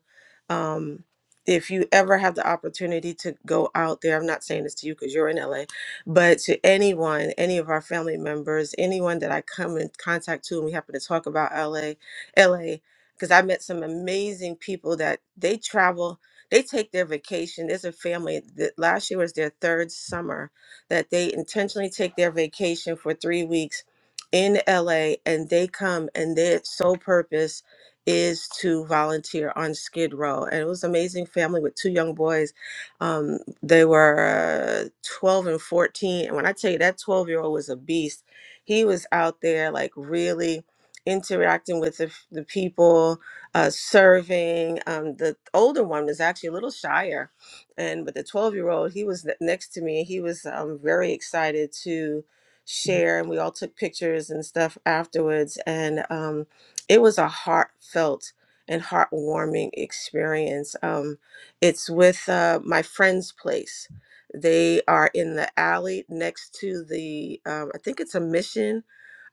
Um, if you ever have the opportunity to go out there, I'm not saying this to you because you're in LA, but to anyone, any of our family members, anyone that I come in contact to, and we happen to talk about LA, LA, because I met some amazing people that they travel, they take their vacation. There's a family that last year was their third summer that they intentionally take their vacation for three weeks in LA, and they come and their sole purpose is to volunteer on Skid Row. And it was an amazing family with two young boys. um, they were uh, 12 and 14 and when i tell you that 12 year old was a beast he was out there like really interacting with the, f- the people uh, serving um, the older one was actually a little shyer and but the 12 year old he was ne- next to me he was um, very excited to share and we all took pictures and stuff afterwards and um, it was a heartfelt and heartwarming experience um, it's with uh, my friend's place. They are in the alley next to the, um, I think it's a mission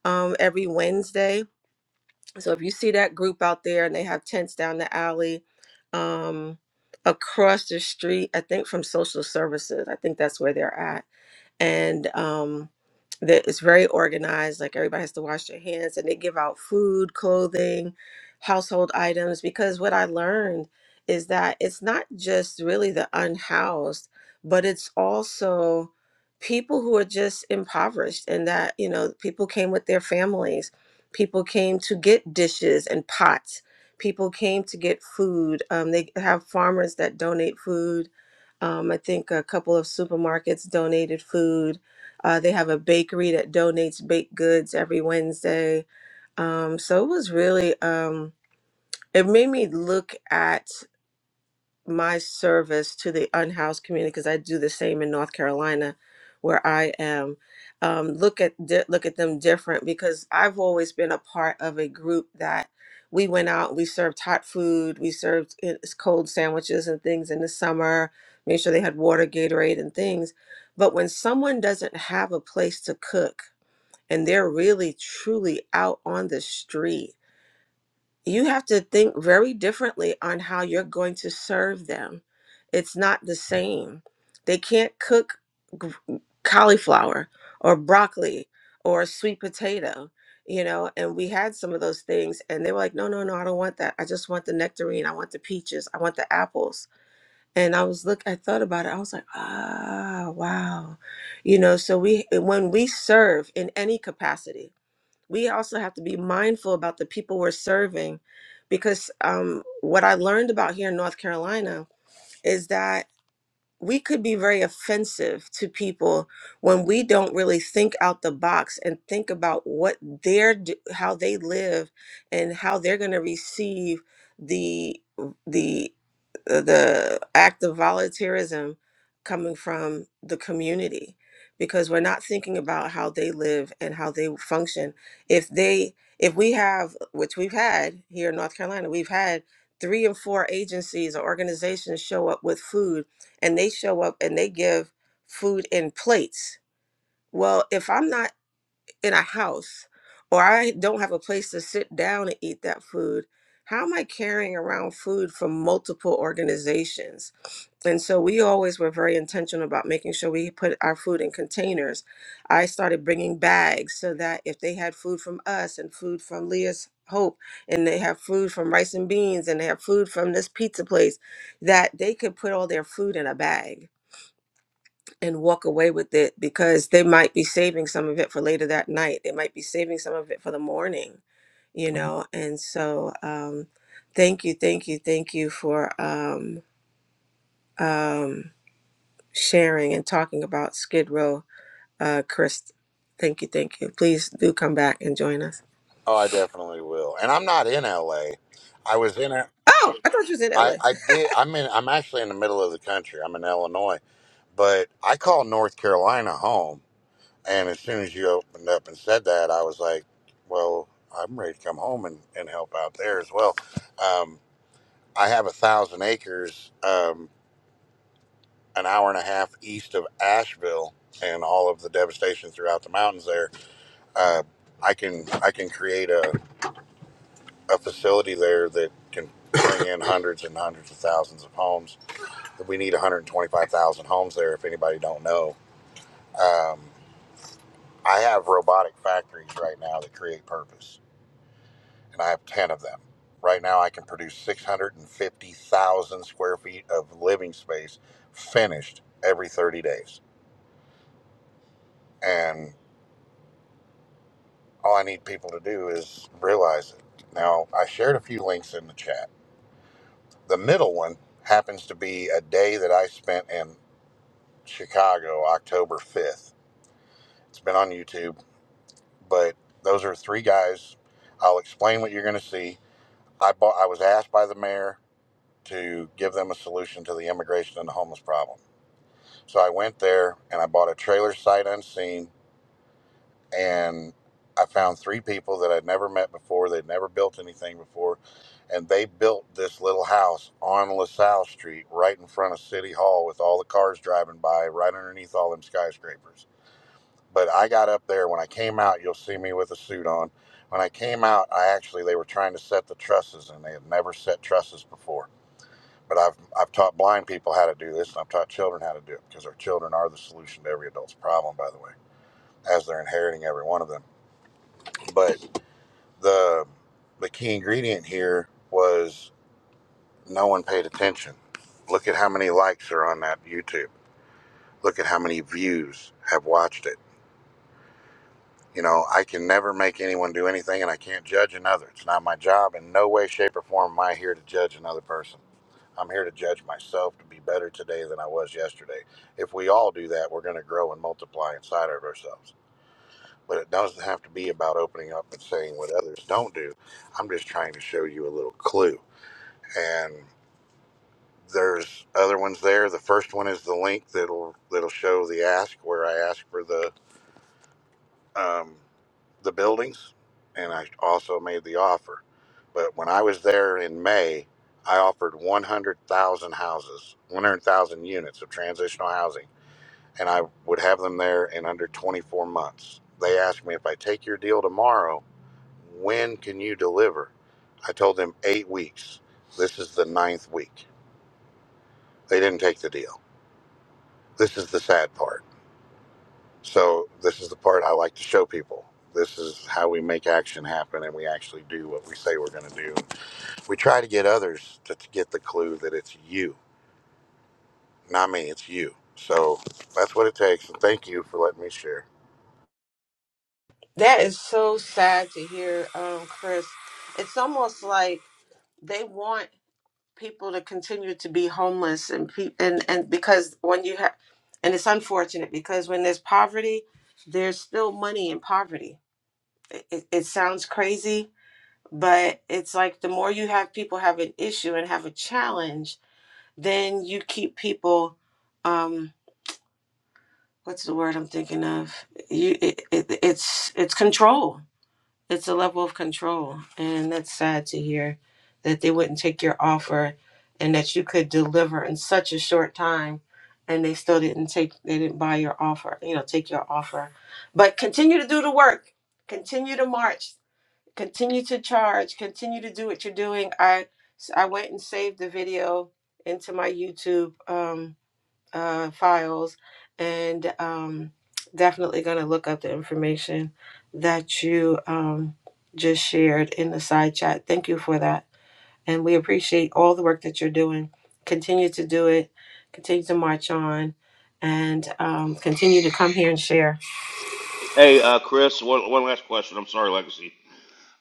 um, every Wednesday. So if you see that group out there and they have tents down the alley, um, across the street, I think from social services, I think that's where they're at and um that it's very organized like everybody has to wash their hands and they give out food clothing household items because what i learned is that it's not just really the unhoused but it's also people who are just impoverished and that you know people came with their families people came to get dishes and pots people came to get food um, they have farmers that donate food um, I think a couple of supermarkets donated food. Uh, they have a bakery that donates baked goods every Wednesday. Um, so it was really, um, it made me look at my service to the unhoused community because I do the same in North Carolina, where I am. Um, look at di- look at them different because I've always been a part of a group that we went out, we served hot food, we served i- s- cold sandwiches and things in the summer, made sure they had water, Gatorade, and things. But when someone doesn't have a place to cook and they're really truly out on the street you have to think very differently on how you're going to serve them. It's not the same. They can't cook g- cauliflower or broccoli or sweet potato, you know. And we had some of those things, and they were like, no, no, no, I don't want that. I just want the nectarine. I want the peaches. I want the apples. And I was look, I thought about it. I was like, ah, wow, you know. So we, when we serve in any capacity, we also have to be mindful about the people we're serving because um, what I learned about here in North Carolina is that we could be very offensive to people when we don't really think out the box and think about what they're d- how they live and how they're going to receive the the uh, the act of volunteerism coming from the community because we're not thinking about how they live and how they function if they if we have which we've had here in north carolina we've had three and four agencies or organizations show up with food and they show up and they give food in plates. Well, if I'm not in a house or I don't have a place to sit down and eat that food, how am I carrying around food from multiple organizations? And so we always were very intentional about making sure we put our food in containers. I started bringing bags so that if they had food from us and food from Leah's Hope, and they have food from Rice and Beans, and they have food from this pizza place, that they could put all their food in a bag and walk away with it because they might be saving some of it for later that night. They might be saving some of it for the morning, you know. And so, um, thank you, thank you, thank you for um, um, sharing and talking about Skid Row, uh, Chris. Thank you, thank you. Please do come back and join us.
Oh, I definitely will. And I'm not in LA. I was in it.
Oh, I thought you was in
I
LA.
I did. I'm in. I'm actually in the middle of the country. I'm in Illinois, but I call North Carolina home. And as soon as you opened up and said that, I was like, well, I'm ready to come home and, and help out there as well. Um, I have a thousand acres, um, an hour and a half east of Asheville, and all of the devastation throughout the mountains there. Uh, I can I can create a a facility there that can bring in hundreds and hundreds of thousands of homes. We need 125,000 homes there. If anybody don't know, um, I have robotic factories right now that create purpose, and I have 10 of them. Right now, I can produce 650,000 square feet of living space finished every 30 days. And all I need people to do is realize it. Now, I shared a few links in the chat. The middle one happens to be a day that I spent in. Chicago, October 5th. It's been on YouTube, but those are three guys. I'll explain what you're going to see. I bought, I was asked by the mayor to give them a solution to the immigration and the homeless problem. So I went there and I bought a trailer sight unseen and I found three people that I'd never met before. They'd never built anything before. And they built this little house on LaSalle Street right in front of City Hall with all the cars driving by right underneath all them skyscrapers but I got up there. When I came out, you'll see me with a suit on. When I came out, I actually they were trying to set the trusses, and they had never set trusses before. But I've I've taught blind people how to do this, and I've taught children how to do it because our children are the solution to every adult's problem, by the way, as they're inheriting every one of them. But the the key ingredient here was no one paid attention. Look at how many likes are on that YouTube. Look at how many views have watched it You know, I can never make anyone do anything and I can't judge another. It's not my job. In no way, shape, or form am I here to judge another person. I'm here to judge myself to be better today than I was yesterday. If we all do that, we're going to grow and multiply inside of ourselves. But it doesn't have to be about opening up and saying what others don't do. I'm just trying to show you a little clue. And there's other ones there. The first one is the link that'll that'll show the ask where I ask for the um, the buildings, and I also made the offer. But when I was there in May, I offered 100,000 houses, 100,000 units of transitional housing, and I would have them there in under 24 months. They asked me if I take your deal tomorrow, when can you deliver? I told them eight weeks. This is the ninth week. They didn't take the deal. This is the sad part. So this is the part I like to show people. This is how we make action happen, and we actually do what we say we're going to do. We try to get others to, to get the clue that it's you, not me. It's you. So that's what it takes. And thank you for letting me share.
That is so sad to hear, um, Chris. It's almost like they want people to continue to be homeless and pe- and and because when you have and it's unfortunate because when there's poverty there's still money in poverty it, it, it sounds crazy but it's like the more you have people have an issue and have a challenge then you keep people um what's the word i'm thinking of you it, it, it's it's control it's a level of control. And that's sad to hear that they wouldn't take your offer and that you could deliver in such a short time and they still didn't take they didn't buy your offer, you know, take your offer. But continue to do the work. Continue to march. Continue to charge. Continue to do what you're doing. I I went and saved the video into my YouTube. Um, uh, files and um, definitely going to look up the information that you um, just shared in the side chat. Thank you for that. And we appreciate all the work that you're doing. Continue to do it, continue to march on, and um, continue to come here and share.
Hey, uh, Chris, one, one last question. I'm sorry, Legacy.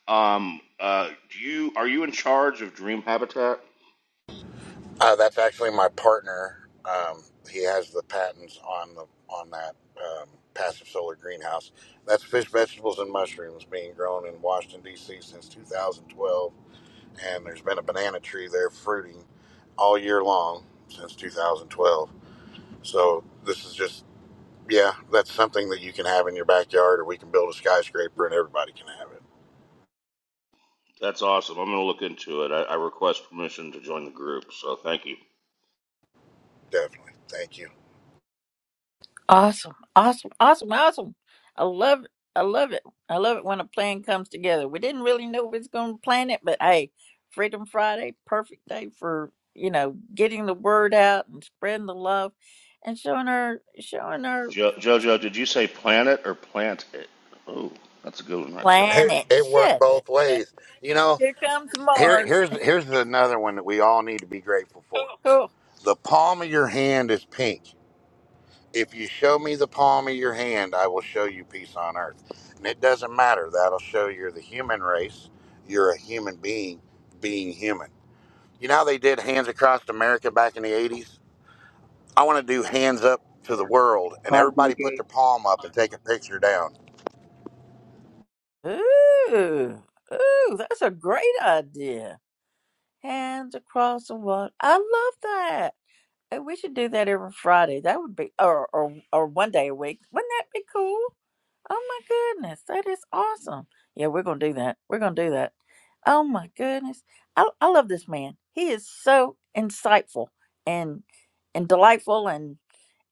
Um, uh, do you are you in charge of Dream Habitat?
Uh, that's actually my partner. Um, he has the patents on the on that um, passive solar greenhouse. That's fish, vegetables, and mushrooms being grown in Washington D.C. since 2012 and there's been a banana tree there fruiting all year long since 2012. So this is just, yeah, that's something that you can have in your backyard, or we can build a skyscraper and everybody can have it.
That's awesome. I'm gonna look into it. I, I request permission to join the group, so thank you.
Definitely. Thank you.
Awesome. Awesome. Awesome. Awesome. I love it. I love it. I love it when a plan comes together. We didn't really know we was going to plan it, but hey, Freedom Friday, perfect day for, you know, getting the word out and spreading the love and showing our showing our
Jo- Jojo, did you say planet or plant it? Oh, that's a good one right there.
Hey,
planet.
it worked
Shut
both
up.
ways. You know,
Here comes
here,
Mars.
here's here's another one that we all need to be grateful for.
Cool.
The palm of your hand is pink. If you show me the palm of your hand, I will show you peace on earth. And it doesn't matter. That'll show you're the human race. You're a human being being human. You know how they did Hands Across America back in the 80s? I want to do Hands Up to the World, and
Hi,
everybody put
Georgie.
their palm up and take a picture down.
Ooh. Ooh, that's a great idea. Hands across the water. I love that. Hey, we should do that every Friday. That would be, or or or one day a week. Wouldn't that be cool? Oh my goodness, that is awesome. Yeah, we're gonna do that. We're gonna do that. Oh my goodness, I I love this man. He is so insightful and and delightful and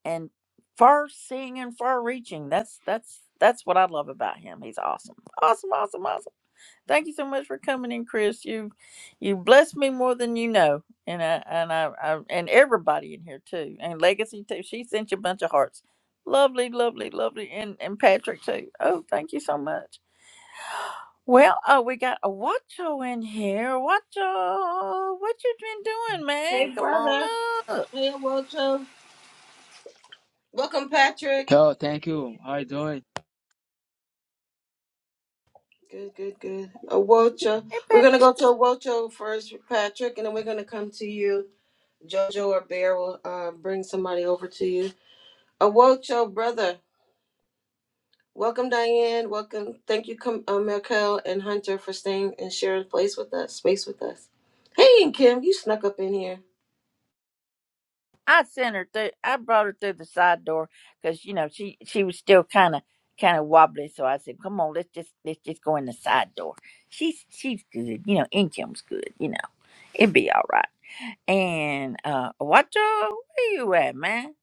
and far seeing and far reaching. That's that's that's what I love about him. He's awesome. Awesome. Awesome. Awesome. Thank you so much for coming in, Chris. You you blessed me more than you know, and I and I, I and everybody in here too, and Legacy too. She sent you a bunch of hearts. Lovely, lovely, lovely, and and Patrick too. Oh, thank you so much. Well, oh, we got a watcho in here. Watcho, what you been doing, man?
Hey,
Come on
brother.
up.
Hey, Awocho. Welcome, Patrick.
Oh, thank you. How you doing?
Good, good, good. Awocho.
hey
We're going to go to Awocho first, Patrick, and then we're going to come to you Jojo or Bear will uh, bring somebody over to you. Awocho, brother. Welcome, Diane. Welcome. Thank you, Com- uh, Markel and Hunter, for staying and sharing place with us, space with us. Hey, and Kim, you snuck up in here.
I sent her through. I brought her through the side door because you know she she was still kind of kind of wobbly. So I said, "Come on, let's just let's just go in the side door." She's she's good. You know, income's good. You know, it'd be all right. And uh, Watcho, where you at, man?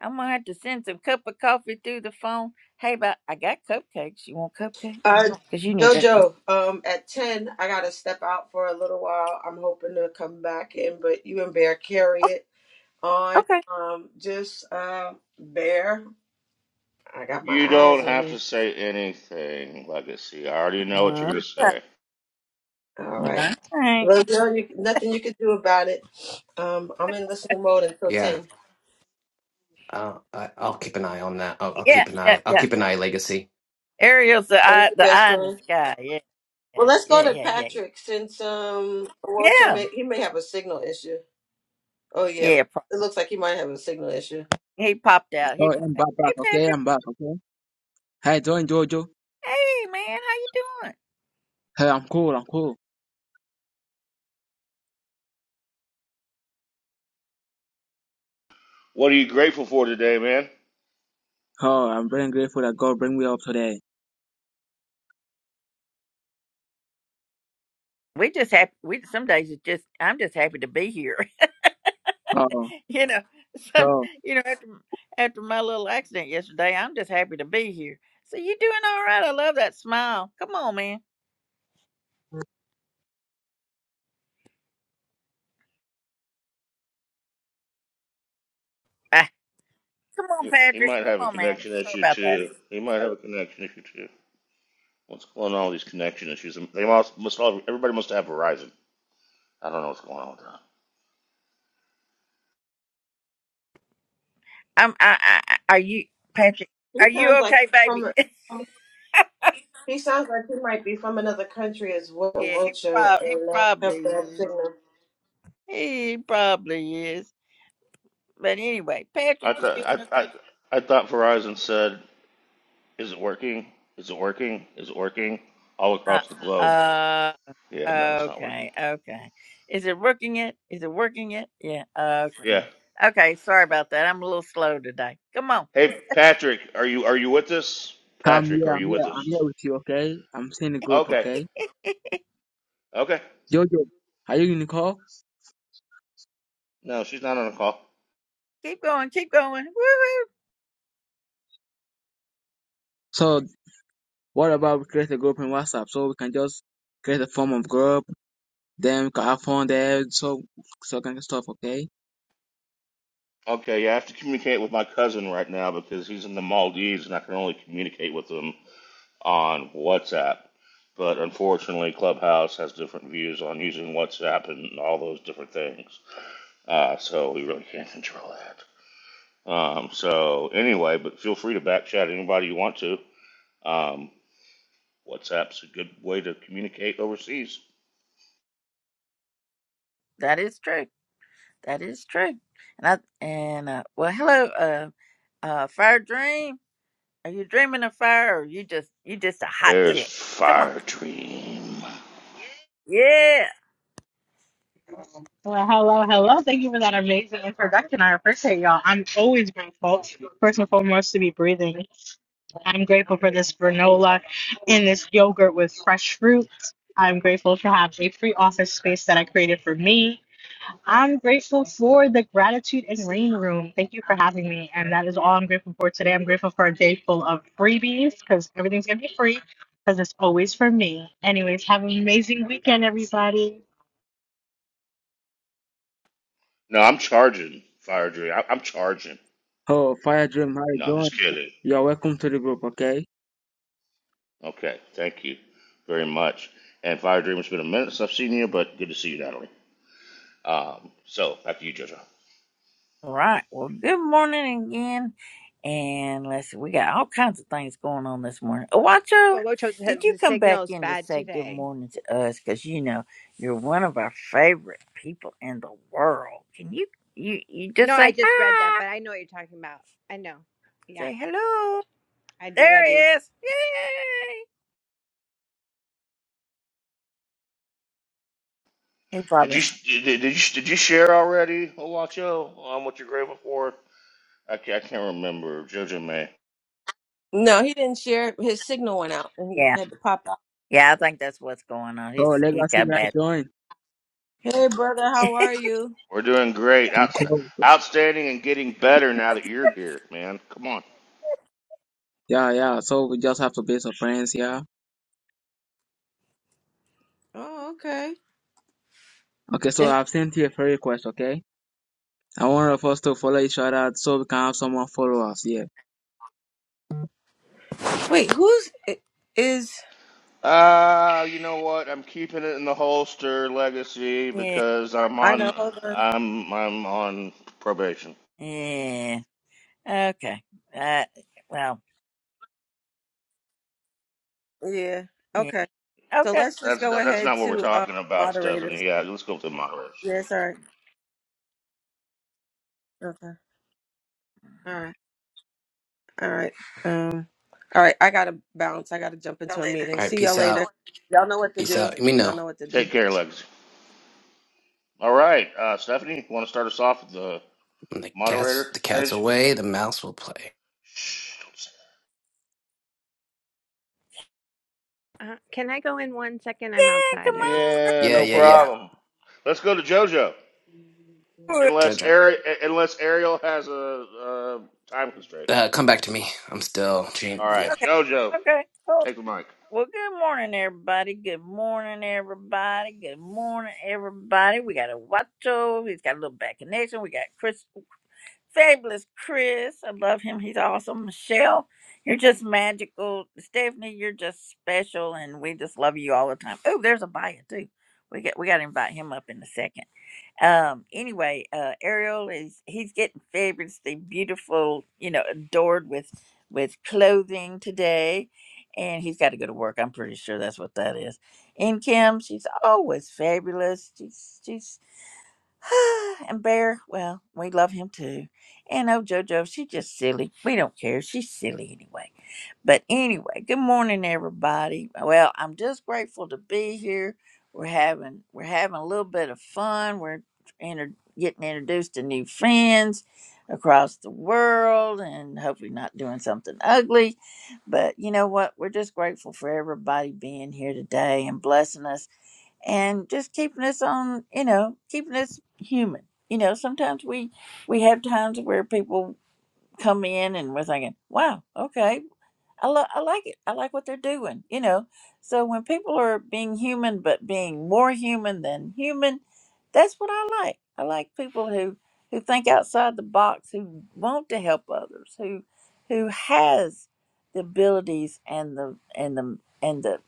I'm gonna have to send some cup of coffee through the phone. Hey, but I got cupcakes. You want cupcakes?
Uh,
Cause you need that.
Jojo, um, at 10, I got to step out for a little while. I'm hoping to come back in, but you and Bear carry it on.
Okay.
Um, just uh, Bear, I got my
You
eyes
don't
on
have
you.
to say anything, Legacy. I already know
Okay.
what you're
All
gonna say.
All right.
right.
Well, no, you, nothing you could do about it. Um, I'm in listening mode until
Yeah.
10.
Uh, I, I'll keep an eye on that. I'll, I'll
Yeah,
keep an
yeah,
eye. I'll
yeah.
keep an eye. Legacy.
Ariel's the
Thank
eye,
you,
the
best
eye in the
friend.
sky. Yeah, yeah,
Well, let's go
yeah,
to
yeah, yeah.
Patrick since um, Owocho
Yeah.
may he may have a signal issue. Oh yeah,
Yeah. pro-
it looks like he might have a signal issue.
He popped out. He
Oh,
come
I'm
back.
back, back.
Hey
Okay,
Patrick.
I'm back. Okay. How you doing, Jojo?
Hey man, how you doing?
Hey, I'm cool. I'm cool.
What are you grateful for today, man?
Oh, I'm very grateful that God bring me up today.
We just happy. We some days it's just I'm just happy to be here.
Oh,
you know, some
so
you know after after my little accident yesterday, I'm just happy to be here. So you doing all right? I love that smile. Come on, man. Ah, come on,
He he
Patrick.
might
Come
have a
on, man.
connection
Sorry
issue
about that.
too. He might have a connection issue too. What's going on with these connection issues? They must, must all, everybody must have Verizon. I don't know what's going on with that.
I'm. I, I. I- Are you Patrick?
He
Are you
sounds like
okay, baby?
from he sounds like he might be from another country as well.
yeah. He
Owocho
probably. He
and uh, have
probably
bad
is.
signal.
He probably is. But anyway,
I
Patrick, you doing
thought I, I
okay?
I thought Verizon said, "Is it working? Is it working? Is it working?" All
Uh,
across the globe.
uh,
Yeah, no, it's not working.
okay, okay. Is it working yet? Is it working yet? Yeah, okay.
Yeah.
Okay, sorry about that. I'm a little slow today. Come on,
Hey, Patrick, are you are you with us?
I'm
Patrick,
here.
are
I'm
you
here.
with
I'm here
us?
with you. Okay. I'm seeing the group.
Okay.
Okay.
Okay.
Jojo, are you in the call?
No, she's not on a call.
keep going, keep going. Woo-hoo.
So what about we create a group in WhatsApp so we can just create a form of group, then we can have fun there, so so kind of stuff. Okay.
Okay, yeah, I have to communicate with my cousin right now because he's in the Maldives and I can only communicate with him on WhatsApp. But unfortunately, Clubhouse has different views on using WhatsApp and all those different things. Uh, so we really can't control that. Um, so anyway, but feel free to back chat anybody you want to. Um, WhatsApp's a good way to communicate overseas.
That is true. That is true. And I, and, uh, well, hello, uh, uh, Fire Dream. Are you dreaming of fire or you just, you just a hot
There's
chick? Come on.
Fire Dream.
yeah.
Well, hello, hello. Thank you for that amazing introduction. I appreciate y'all. I'm always grateful, first and foremost, to be breathing. I'm grateful for this granola and this yogurt with fresh fruit. I'm grateful to have a free office space that I created for me. I'm grateful for the gratitude and rain room. Thank you for having me. And that is all I'm grateful for today. I'm grateful for a day full of freebies because everything's going to be free because it's always for me. Anyways, have an amazing weekend, everybody.
No, I'm charging Fire Dream. I, I'm charging.
Oh, Fire Dream, how you
No, I'm
doing?
just kidding.
You're welcome to the group. Okay.
Okay, thank you very much. And Fire Dream, it's been a minute since I've seen you, but good to see you, Natalie. Um, so back to you, JoJo.
All right. Well, good morning again. And let's see, we got all kinds of things going on this morning. Oh, Wacho,
Olocho
did
says
you
the
come back
signal's
in to
bad
say good
today.
morning to us? Because you know you're one of our favorite people in the world. Can you you you just
No, I
say
just read that,
hi,
but I know what you're talking about. I know. Yeah,
say hello?
I do. I
There he
do.
is! Yay! He
Did
probably
you did, did you did you share already, Olacho, um, what you're grateful for? I can't, I can't remember, JoJo May.
No, he didn't share. His signal went out and he
yeah
had to pop out.
yeah. I think that's what's going on.
So
He's he's
Legacy,
got a
how you
bad.
doing?
Hey, brother, how are you?
We're doing great,
I'm
Outs
close.
outstanding, and getting better now that you're here, man. Come on.
Yeah, yeah. So we just have to be some friends, yeah.
Oh, okay.
Okay, so I've sent you a friend request, okay? I want of us to follow each other so we can have someone follow us, yeah.
Wait, who's i- is?
Uh, you know what? I'm keeping it in the holster, legacy,
yeah
because I'm
I know.
on
Hold on.
I'm I'm on probation.
yeah. Okay. Uh. Well.
Yeah.
Yeah.
Okay. So
Okay.
let's just
That's
go
that's
ahead
not what we're
to uh,
talking about,
moderators.
Stephanie. Yeah, let's go to the moderator.
Yes. All right. Okay. All right. All right. Um. All right. I gotta bounce. I gotta jump
All
into a meeting.
right.
See y'all
Peace
later.
out.
Y'all know what to
Peace out.
do.
Let me
Y'all
know
know what to do.
Take care, Legacy. All right, uh, Stephanie, want to start us off with the
when the cat's
moderator
the cat's
stage?
away. The mouse will play.
Shh, don't say
Uh, can I go in one second?
Yeah,
I'm
come
outside.
that.
I just
on
Yeah,
Yeah.
no
have
Yeah.
to.
Yeah.
problem. Let's go to JoJo,
through
unless
Jojo,
Ari- unless Ariel has a, a time constraint.
uh, come back to me. I'm still. Change.
All
Yeah.
right,
Okay.
JoJo,
Okay, cool.
take the mic.
Well, good morning, everybody. Good morning, everybody. Good morning, everybody. We got a Watcho. He's got a little bad connection. We got Chris, fabulous Chris. I love him. He's awesome. Michelle, you're just magical. Stephanie, you're just special, and we just love you all the time. Oh, there's a bio too. We got we got to invite him up in a second. Um, anyway, uh, Ariel is he's getting fabulously beautiful, you know, adored with with clothing today, and he's got to go to work. I'm pretty sure that's what that is. In Kim, she's always fabulous. She's she's and Bear, well, we love him too. And oh, JoJo, she's just silly. We don't care. She's silly anyway. But anyway, good morning, everybody. Well, I'm just grateful to be here. We're having we're having a little bit of fun. We're inter- getting introduced to new friends across the world, and hopefully not doing something ugly. But you know what? We're just grateful for everybody being here today and blessing us and just keeping us on, you know, keeping us human. You know, sometimes we we have times where people come in and we're thinking, "Wow, okay, I lo- I like it. I like what they're doing." You know, so when people are being human but being more human than human, that's what I like. I like people who who think outside the box, who want to help others, who who has the abilities and the and the and the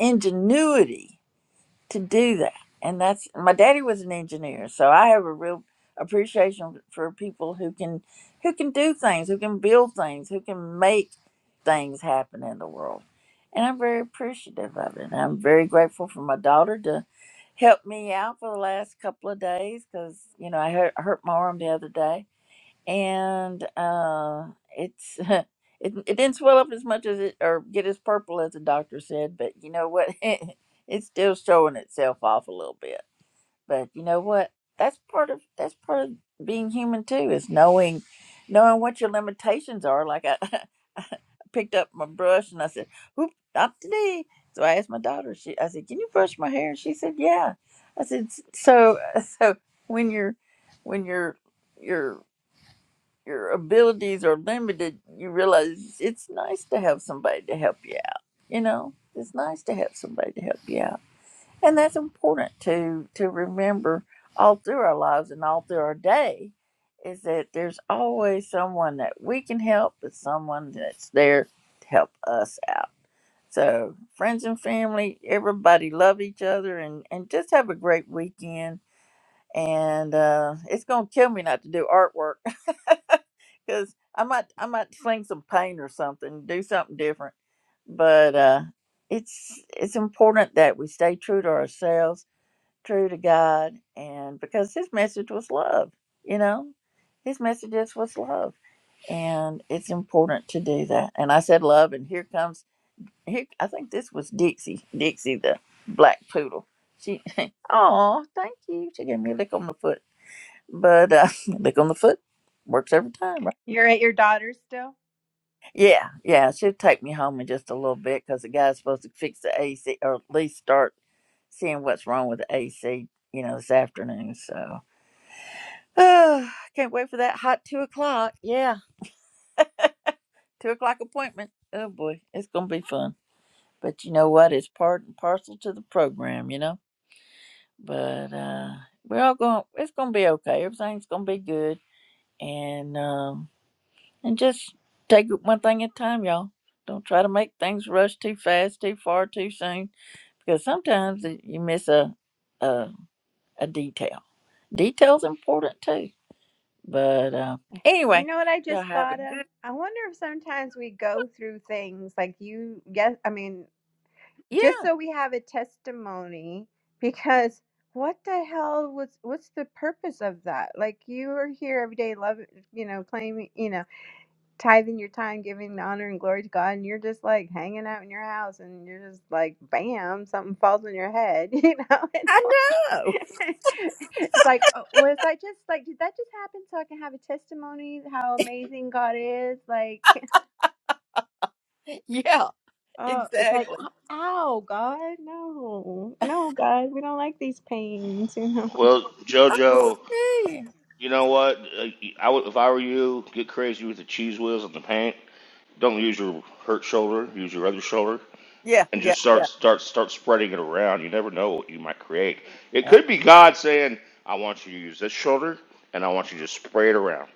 ingenuity to do that. And that's my daddy was an engineer, so I have a real appreciation for people who can who can do things, who can build things, who can make things happen in the world. And I'm very appreciative of it. I'm very grateful for my daughter to help me out for the last couple of days because you know I hurt, hurt my arm the other day and uh, it's it, it didn't swell up as much as it or get as purple as the doctor said, but you know what? it's still showing itself off a little bit. But you know what? That's part of that's part of being human too is knowing knowing what your limitations are. Like I I picked up my brush and I said, "Oop, not today." So I asked my daughter. She I said, "Can you brush my hair?" And she said, "Yeah." I said, "S- "So so when you're when you're." your your abilities are limited, you realize it's nice to have somebody to help you out. You know, it's nice to have somebody to help you out, and that's important to to remember all through our lives and all through our day. Is that there's always someone that we can help, but someone that's there to help us out. So friends and family, everybody love each other, and and just have a great weekend. And uh, it's gonna kill me not to do artwork because I might I might sling some paint or something, do something different. But uh, it's it's important that we stay true to ourselves, true to God, and because His message was love, you know, His message is was love, and it's important to do that. And I said love, and here comes here. I think this was Dixie, Dixie the black poodle. She, oh, thank you. She gave me a lick on the foot, but uh, lick on the foot works every time, right?
You're at your daughter's still?
Yeah, yeah. She'll take me home in just a little bit because the guy's supposed to fix the AC or at least start seeing what's wrong with the AC, you know, this afternoon. So oh, can't wait for that hot two o'clock. Yeah, two o'clock appointment. Oh boy, it's gonna be fun. But you know what? It's part and parcel to the program, you know. But uh we're all going. It's gonna be okay. Everything's gonna be good, and um and just take it one thing at a time, y'all. Don't try to make things rush too fast, too far, too soon because sometimes that you miss a a, a detail. Detail's important too. But uh,
You
anyway,
know what I
y'all
just
have a
thought of?
good
I wonder if sometimes we go through things like you, yes, I mean, just
yeah.
so we have a testimony, because what the hell was, what's the purpose of that? Like you are here every day, love, you know, claiming, you know. tithing your time, giving the honor and glory to God, and you're just like hanging out in your house, and you're just like, bam, something falls on your head. You know, it's
I know.
like, it's like, oh, was I just like, did that just happen? So I can have a testimony how amazing God is. Like,
Yeah,
oh, it's like,
exactly.
ow, ow, God, no, no, God, we don't like these pains. You know,
Well, JoJo,
Yeah,
you know what? Uh, I would, if I were you, get crazy with the cheese whiz and the paint. Don't use your hurt shoulder. Use your other shoulder.
yeah,
and
yeah.
just start
yeah.
start start spreading it around. You never know what you might create. It
Uh,
could be God saying, "I want you to use this shoulder, and I want you to spray it around."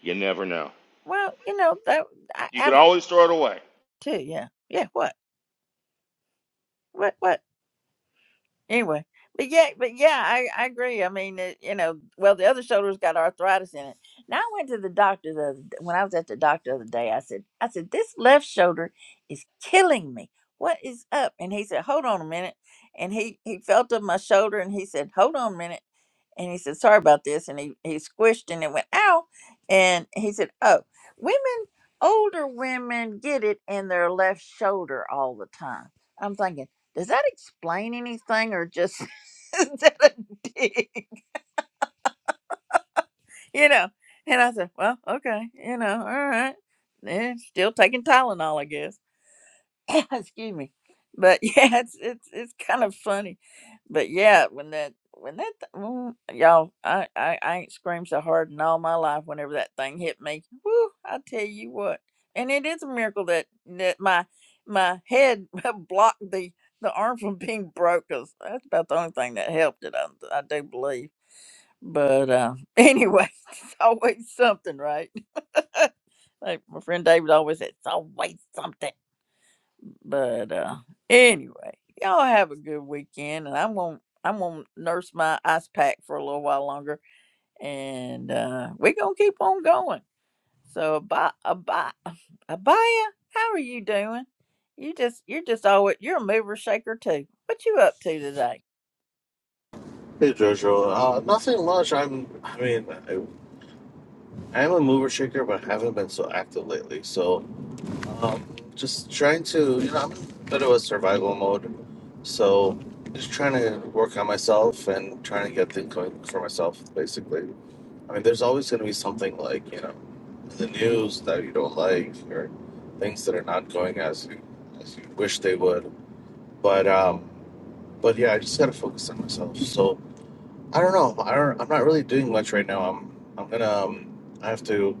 You never know.
well, you know that I,
You can
I'm
always throw it away.
too. Yeah, yeah. What? What? What? anyway but yeah but yeah i, I agree i mean it, you know well the other shoulder's got arthritis in it now i went to the doctor the other when i was at the doctor the other day i said i said this left shoulder is killing me what is up and he said hold on a minute and he he felt of my shoulder and he said hold on a minute and he said, "Sorry about this," and he he squished and it went ow, and he said, "Oh, women, older women get it in their left shoulder all the time." I'm thinking, does that explain anything, or just is that a dig? You know? And I said, "Well, okay, you know, all right." Eh, still taking Tylenol, I guess excuse me but yeah it's it's it's kind of funny but yeah when that when that th- mm, y'all I, I i ain't screamed so hard in all my life whenever that thing hit me Woo, i tell you what and it is a miracle that that my my head blocked the the arm from being broke 'cause that's about the only thing that helped it i, I do believe but uh anyway it's always something right like my friend david always said it's always something but uh anyway, y'all have a good weekend and I'm gonna I'm gonna nurse my ice pack for a little while longer and uh we're gonna keep on going. So about about Abaya, how are you doing? You just you're just always you're a mover shaker too. What you up to today?
Hey Jojo, uh, nothing much. I'm, I mean, I, I am a mover shaker, but haven't been so active lately. So, um, just trying to, you know, I'm in a bit of a survival mode. So, just trying to work on myself and trying to get things going for myself, basically. I mean, there's always going to be something like, you know, the news that you don't like or things that are not going as you, as you wish they would. But, um, but yeah, I just got to focus on myself. So, I don't know. I don't, I'm not really doing much right now. I'm I'm gonna um, I have to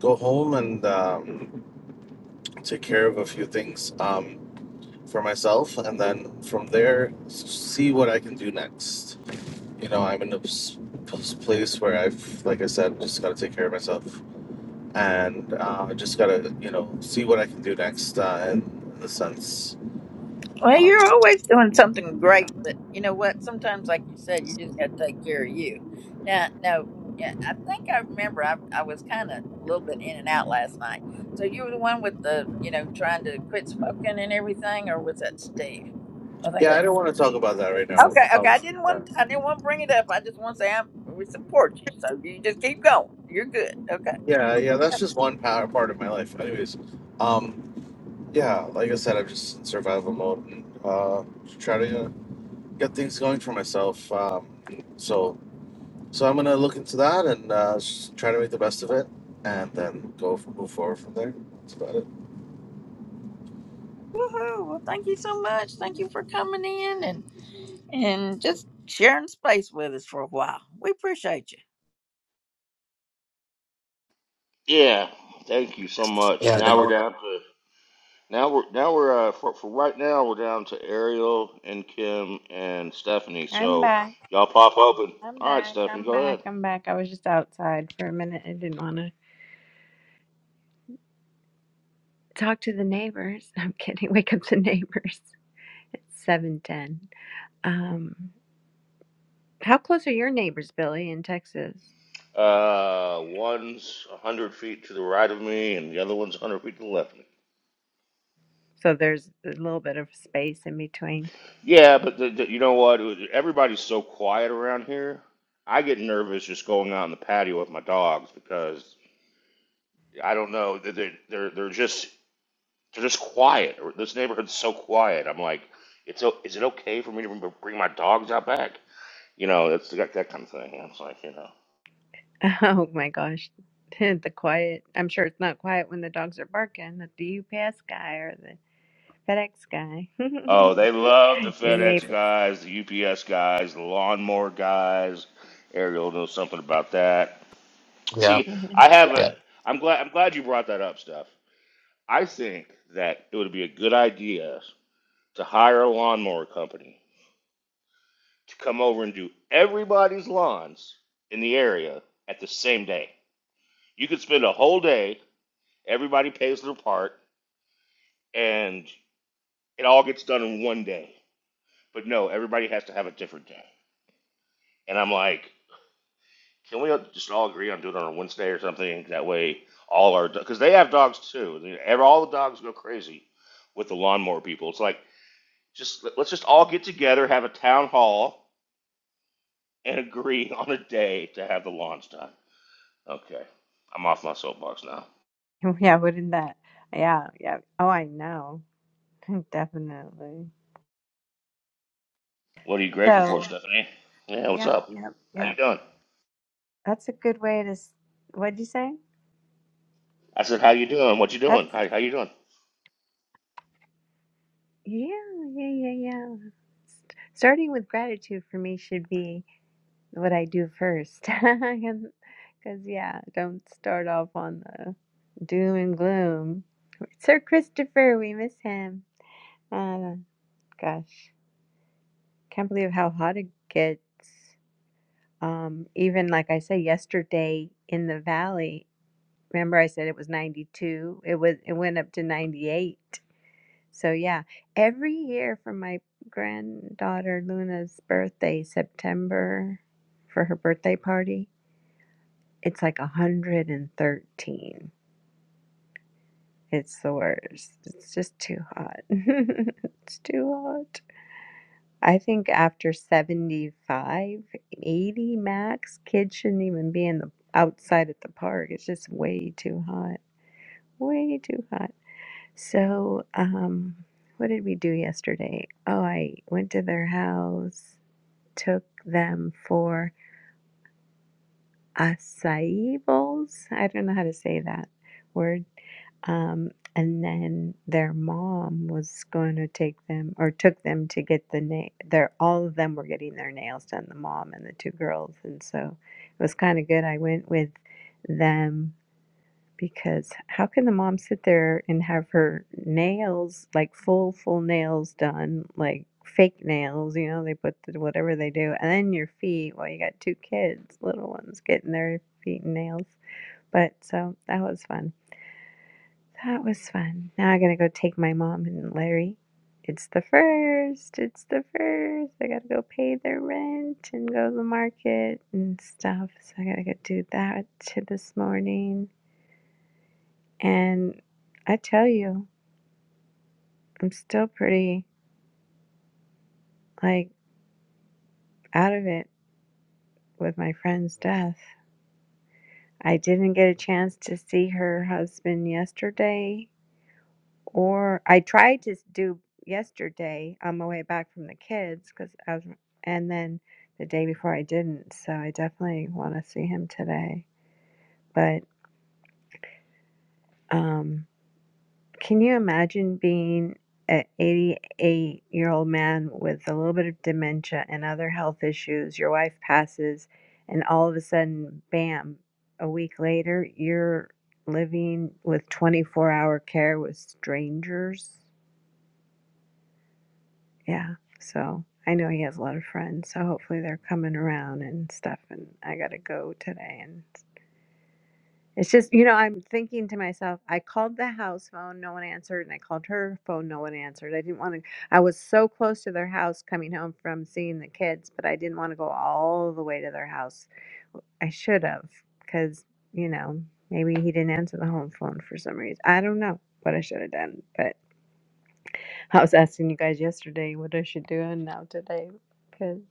go home and um, take care of a few things um, for myself, and then from there s- see what I can do next. You know, I'm in a s- s- place where I've, like I said, just gotta take care of myself, and uh, I just gotta you know see what I can do next uh, in the sense.
Well,
Uh,
you're always doing something
yeah.
great, but you know what? Sometimes, like you said, you just got to take care of you. Now, no, yeah, I think I remember. I I was kind of a little bit in and out last night. So you were the one with the, you know, trying to quit smoking and everything, or was that Steve? I think.
yeah,
It,
I don't want to talk about that right now.
okay, okay. I
Um,
didn't want. I didn't want to bring it up. I just want to say I'm, we support you. So you just keep going. You're good. Okay.
yeah, yeah, that's just one power part of my life. Anyways, um, yeah, like I said, I'm just in survival mode and uh, try to uh, get things going for myself. Um, so, so I'm gonna look into that and uh, s- try to make the best of it, and then go f- move forward from there. That's about it.
Woohoo! Well, thank you so much. Thank you for coming in and and just sharing space with us for a while. We appreciate you.
Yeah. Thank you so much.
Yeah.
Now
Now
we're
we're done.
down to now we're now we're uh, for for right now we're down to Ariel and Kim and Stephanie.
I'm
So
back.
y'all pop open.
I'm
All right,
back.
Stephanie,
I'm
go
back.
ahead.
I'm back. I was just outside for a minute. I didn't want to talk to the neighbors. I'm kidding. Wake up the neighbors. It's 710. Um, how close are your neighbors, Billy, in Texas?
Uh, one's a hundred feet to the right of me, and the other one's a hundred feet to the left of me.
So there's a little bit of space in between.
Yeah, but the, the, you know what? Everybody's so quiet around here. I get nervous just going out on the patio with my dogs because I don't know. They're they're, they're just they're just quiet. This neighborhood's so quiet. I'm like, it's o- is it okay for me to bring my dogs out back? You know, that's that, that kind of thing. I'm just like, you know.
Oh my gosh. The quiet. I'm sure it's not quiet when the dogs are barking at the UPS guy or the FedEx guy.
Oh, they love the
Your
FedEx
neighbor.
guys, the UPS guys, the lawnmower guys. Ariel knows something about that.
Yeah.
See, I have a.
Yeah.
I'm glad. I'm glad you brought that up, Steph I think that it would be a good idea to hire a lawnmower company to come over and do everybody's lawns in the area at the same day. You could spend a whole day, everybody pays their part, and it all gets done in one day. But no, everybody has to have a different day. And I'm like, can we just all agree on doing it on a Wednesday or something? That way, all our because they have dogs too. They- All the dogs go crazy with the lawnmower people. It's like Just let- us just all get together, have a town hall, and agree on a day to have the launch done. Okay, I'm off my soapbox now.
Yeah, wouldn't that? Yeah, yeah. Oh, I know. Definitely.
What are you grateful for,
So,
Stephanie? Yeah, what's
yep,
up?
yep,
How you
yep.
doing?
That's a good way to. s- What'd you say?
I said, how you doing? What you doing?
That's
How how you doing?
yeah, yeah, yeah, yeah. starting with gratitude for me should be what I do first. Because, yeah, don't start off on the doom and gloom. Sir Christopher, we miss him. Uh, gosh, can't believe how hot it gets. Um, even like I said yesterday in the valley, remember I said it was 92? It was it went up to 98. So yeah, every year for my granddaughter Luna's birthday, September, for her birthday party, it's like 113. It's the worst. It's just too hot. it's too hot. I think after 75, 80 max, kids shouldn't even be in the outside at the park. It's just way too hot. Way too hot. So, um, what did we do yesterday? Oh, I went to their house, took them for acai bowls. I don't know how to say that word. Um, and then their mom was going to take them or took them to get the nail. Their all of them were getting their nails done. The mom and the two girls, and so it was kind of good. I went with them because how can the mom sit there and have her nails like full full nails done like fake nails you know they put the, whatever they do and then your feet well you got two kids little ones getting their feet and nails but so that was fun that was fun now i'm gonna go take my mom and larry it's the first it's the first i gotta go pay their rent and go to the market and stuff so i gotta go do that this morning and I tell you, I'm still pretty like out of it with my friend's death. I didn't get a chance to see her husband yesterday, or I tried to s- do yesterday on my way back from the kids because I was, and then the day before I didn't. So I definitely want to see him today. But um, Can you imagine being an 88 year old man with a little bit of dementia and other health issues? Your wife passes, and all of a sudden, bam, a week later, you're living with 24 hour care with strangers. Yeah. So I know he has a lot of friends. So hopefully they're coming around and stuff. And I got to go today and It's just, you know, I'm thinking to myself, I called the house phone, no one answered, and I called her phone, no one answered. I didn't want to, I was so close to their house coming home from seeing the kids, but I didn't want to go all the way to their house. I should have, because, you know, maybe he didn't answer the home phone for some reason. I don't know what I should have done, but I was asking you guys yesterday what I should do and now today, because.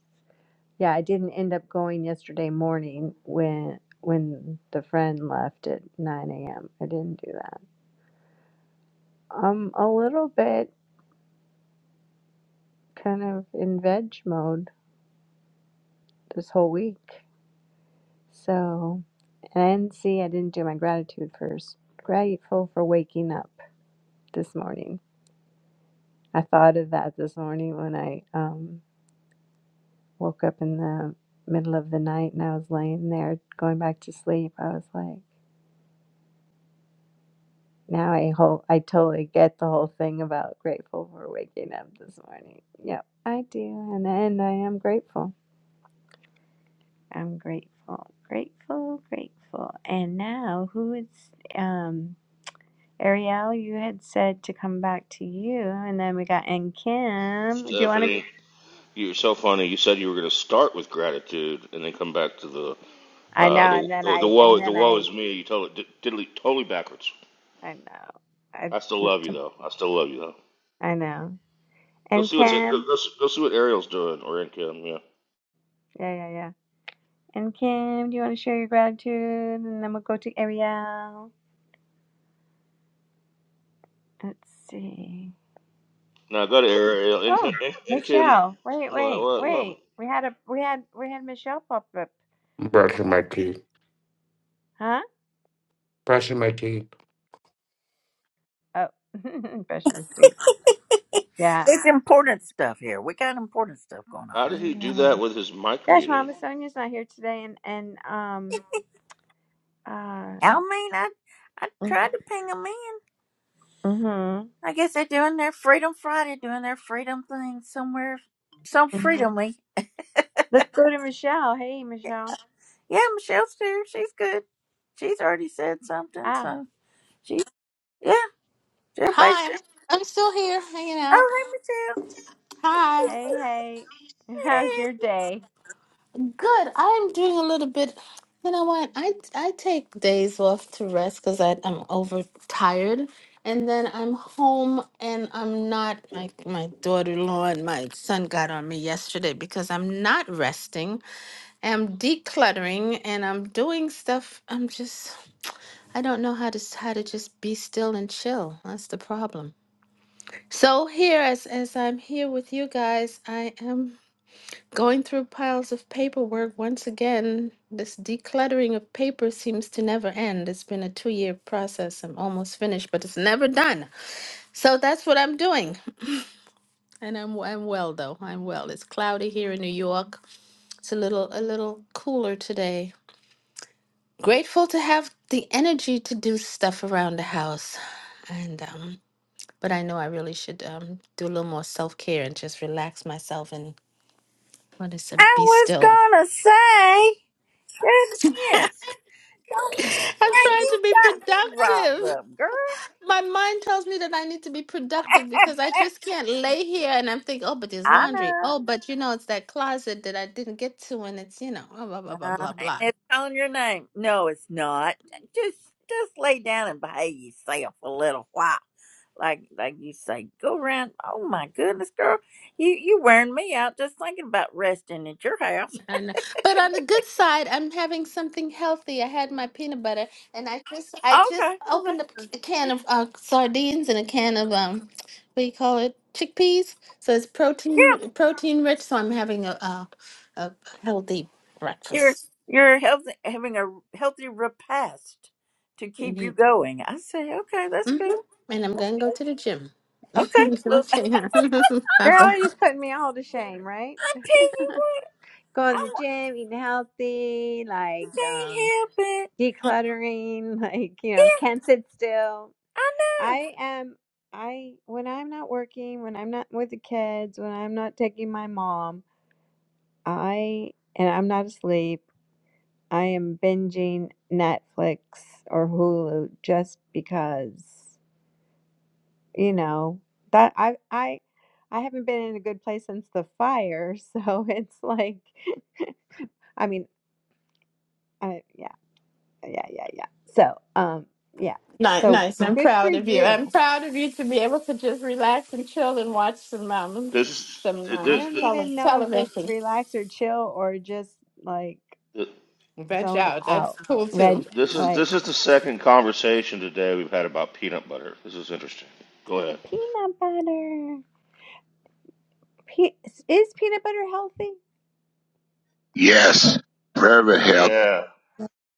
Yeah, I didn't end up going yesterday morning when when the friend left at 9 a.m. I didn't do that. I'm a little bit kind of in veg mode this whole week. So, and see, I didn't do my gratitude first. Grateful for waking up this morning. I thought of that this morning when I um, woke up in the middle of the night and I was laying there going back to sleep. I was like, Now I whole I totally get the whole thing about grateful for waking up this morning. Yep, I do, and and I am grateful. I'm grateful, grateful, grateful. And now who is um Ariel? You had said to come back to you, and then we got and Kim. Do you want to?
Stephanie, you're so funny. You said you were going to start with gratitude and then come back to the
I
uh,
know,
the,
and then
the the
I and
woe the
then
woe
I
is me. You totally diddly, totally backwards.
I know I
I still love you though. I still love you though.
I know
Go
and
see what's go,
Kim.
go, go see what Ariel's doing or in Kim. Yeah.
Yeah, yeah, yeah. And Kim, do you want to share your gratitude? And then we'll go to Ariel. Let's see.
Now go to Ariel. And,
Oh,
Kim- and, and Kim,
Michelle. Wait,
what,
wait,
what, what?
wait. We had a we had we had Michelle pop up.
Brushing
Hi.
my teeth.
Huh?
Brushing my teeth.
Oh, Passion Street. Yeah.
It's important stuff here. We got important stuff going on
How
here.
did he do
Yeah.
that with his mic
Gosh,
muted?
Mama Sonia's not here today, and and um uh.
I mean, I I tried to ping them in.
Mm-hmm.
I guess they're doing their Freedom Friday, doing their freedom thing somewhere, some
hmm
freedomly.
Let's go to Michelle. Hey, Michelle.
Yeah, Michelle's here. She's good. She's already said something,
Ah.
so she's yeah. Everybody's good.
Hi, I'm still here hanging
Oh,
out.
hey,
Hi.
Hey, hey.
Michelle.
How's
Hey,
your day?
Good. I'm doing a little bit. You know what? I I take days off to rest because I'm overtired, and then I'm home and I'm not like my daughter-in-law and my son got on me yesterday because I'm not resting. I'm decluttering and I'm doing stuff. I'm just I don't know how to s- how to just be still and chill. That's the problem. So here, as as I'm here with you guys, I am. Going through piles of paperwork once again, this decluttering of paper seems to never end. It's been a two year process. I'm almost finished, but it's never done. So that's what I'm doing. And I'm, I'm well though. I'm well. It's cloudy here in New York. It's a little a little cooler today. Grateful to have the energy to do stuff around the house. And um but I know I really should um do a little more self care and just relax myself and what is it?
I
Be
was
still.
gonna say goodness. Now
I'm trying
you
to be
got me riled
productive.
up, girl.
my mind tells me that I need to be productive because I just can't lay here and I'm thinking, oh, but there's
I
laundry.
know.
Oh, but you know, it's that closet that I didn't get to, and it's you know, blah blah blah blah
Uh,
blah.
and
blah.
it's calling your name. No, it's not. Just just lay down and behave yourself a little while. Like like you say, go around. Oh my goodness, girl, you you wearing me out just thinking about resting at your house.
I know. But on the good side, I'm having something healthy. I had my peanut butter, and I just I just
Okay, well
opened
that's
up
true.
a can of uh, sardines and a can of um, what do you call it, chickpeas. So it's
Yeah,
protein protein rich. So I'm having a a, a healthy
you're
breakfast.
you're healthy, having a healthy repast to keep you
Indeed.
going. I say, okay, that's
hmm
good.
And I'm gonna go to the gym.
Okay, look,
okay.
Girl,
Bye-bye.
you're just putting me all to shame, right?
I tell you what,
Going to the
I, wa-
gym, eating healthy,
I
like
can't
um.
help it.
decluttering, like, you know,
Yeah,
can't sit still.
I know.
I am, I, when I'm not working, when I'm not with the kids, when I'm not taking my mom, I, and I'm not asleep, I am binging Netflix or Hulu just because, you know, that I, I, I haven't been in a good place since the fire. So it's like, I mean, I, yeah, yeah, yeah, yeah. So, um, yeah.
nice,
So
nice. I'm
good for
proud of you.
you.
I'm proud of you to be able to just relax and chill and watch some um,
This,
some
I
this,
um,
don't
this,
tele-
even know if it's
television.
relax or chill or just like
Veg
zone
out. That's
out.
cool
Reg,
too.
this is
like
this is the second conversation today we've had about peanut butter. This is interesting. Go ahead.
peanut butter. Pe- is peanut butter healthy?
Yes,
I
private
guess,
health.
Yeah,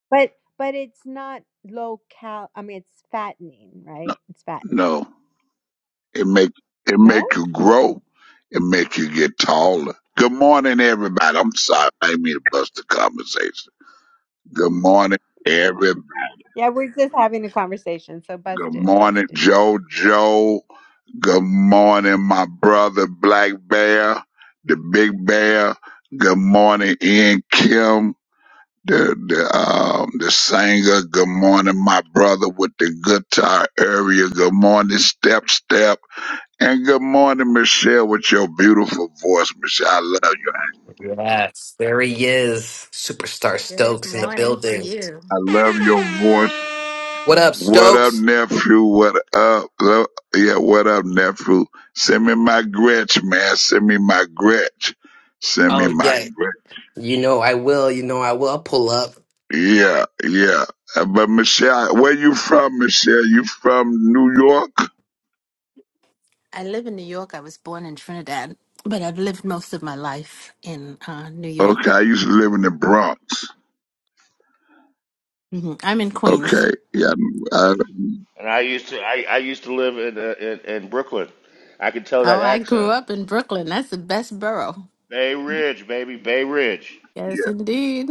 but but it's not low cal. I mean, it's fattening,
No,
right? It's fattening.
no. it make it
No.
make you grow. It make you get taller. Good morning, everybody. I'm sorry, I didn't mean to bust the conversation. Good morning, every.
Yeah, we're just having a conversation, so
Good
bust it, bust
morning,
it.
JoJo. Good morning, my brother Black Bear, the Big Bear. Good morning, Ian Kim. the the um the singer. Good morning, my brother with the guitar area. Good morning, step step, and good morning, Michelle, with your beautiful voice, Michelle. I love you.
Yes. There he is. Superstar
Good
Stokes in the
morning to
building.
you.
I love your voice.
What up,
What up,
Stokes?
nephew? What up? Lo- Yeah, what up, nephew? Send me my Gretsch, man. Send me my Gretsch. Send me
Oh
my
yeah.
Gretsch.
You know I will. You know I will. I'll pull up.
Yeah, yeah. Uh, But Michelle, where you from, Michelle? You from New York?
I live in New York. I was born in Trinidad, but I've lived most of my life in uh, New
Okay,
York.
I used to live in the Bronx.
hmm I'm in Queens.
Okay, yeah, I, I-
and I used to I, I used to live in, uh, in in Brooklyn. I can tell that
Oh, I grew
accent.
up in Brooklyn. That's the best borough.
Bay Ridge, baby, Bay Ridge.
Yes,
yeah,
indeed.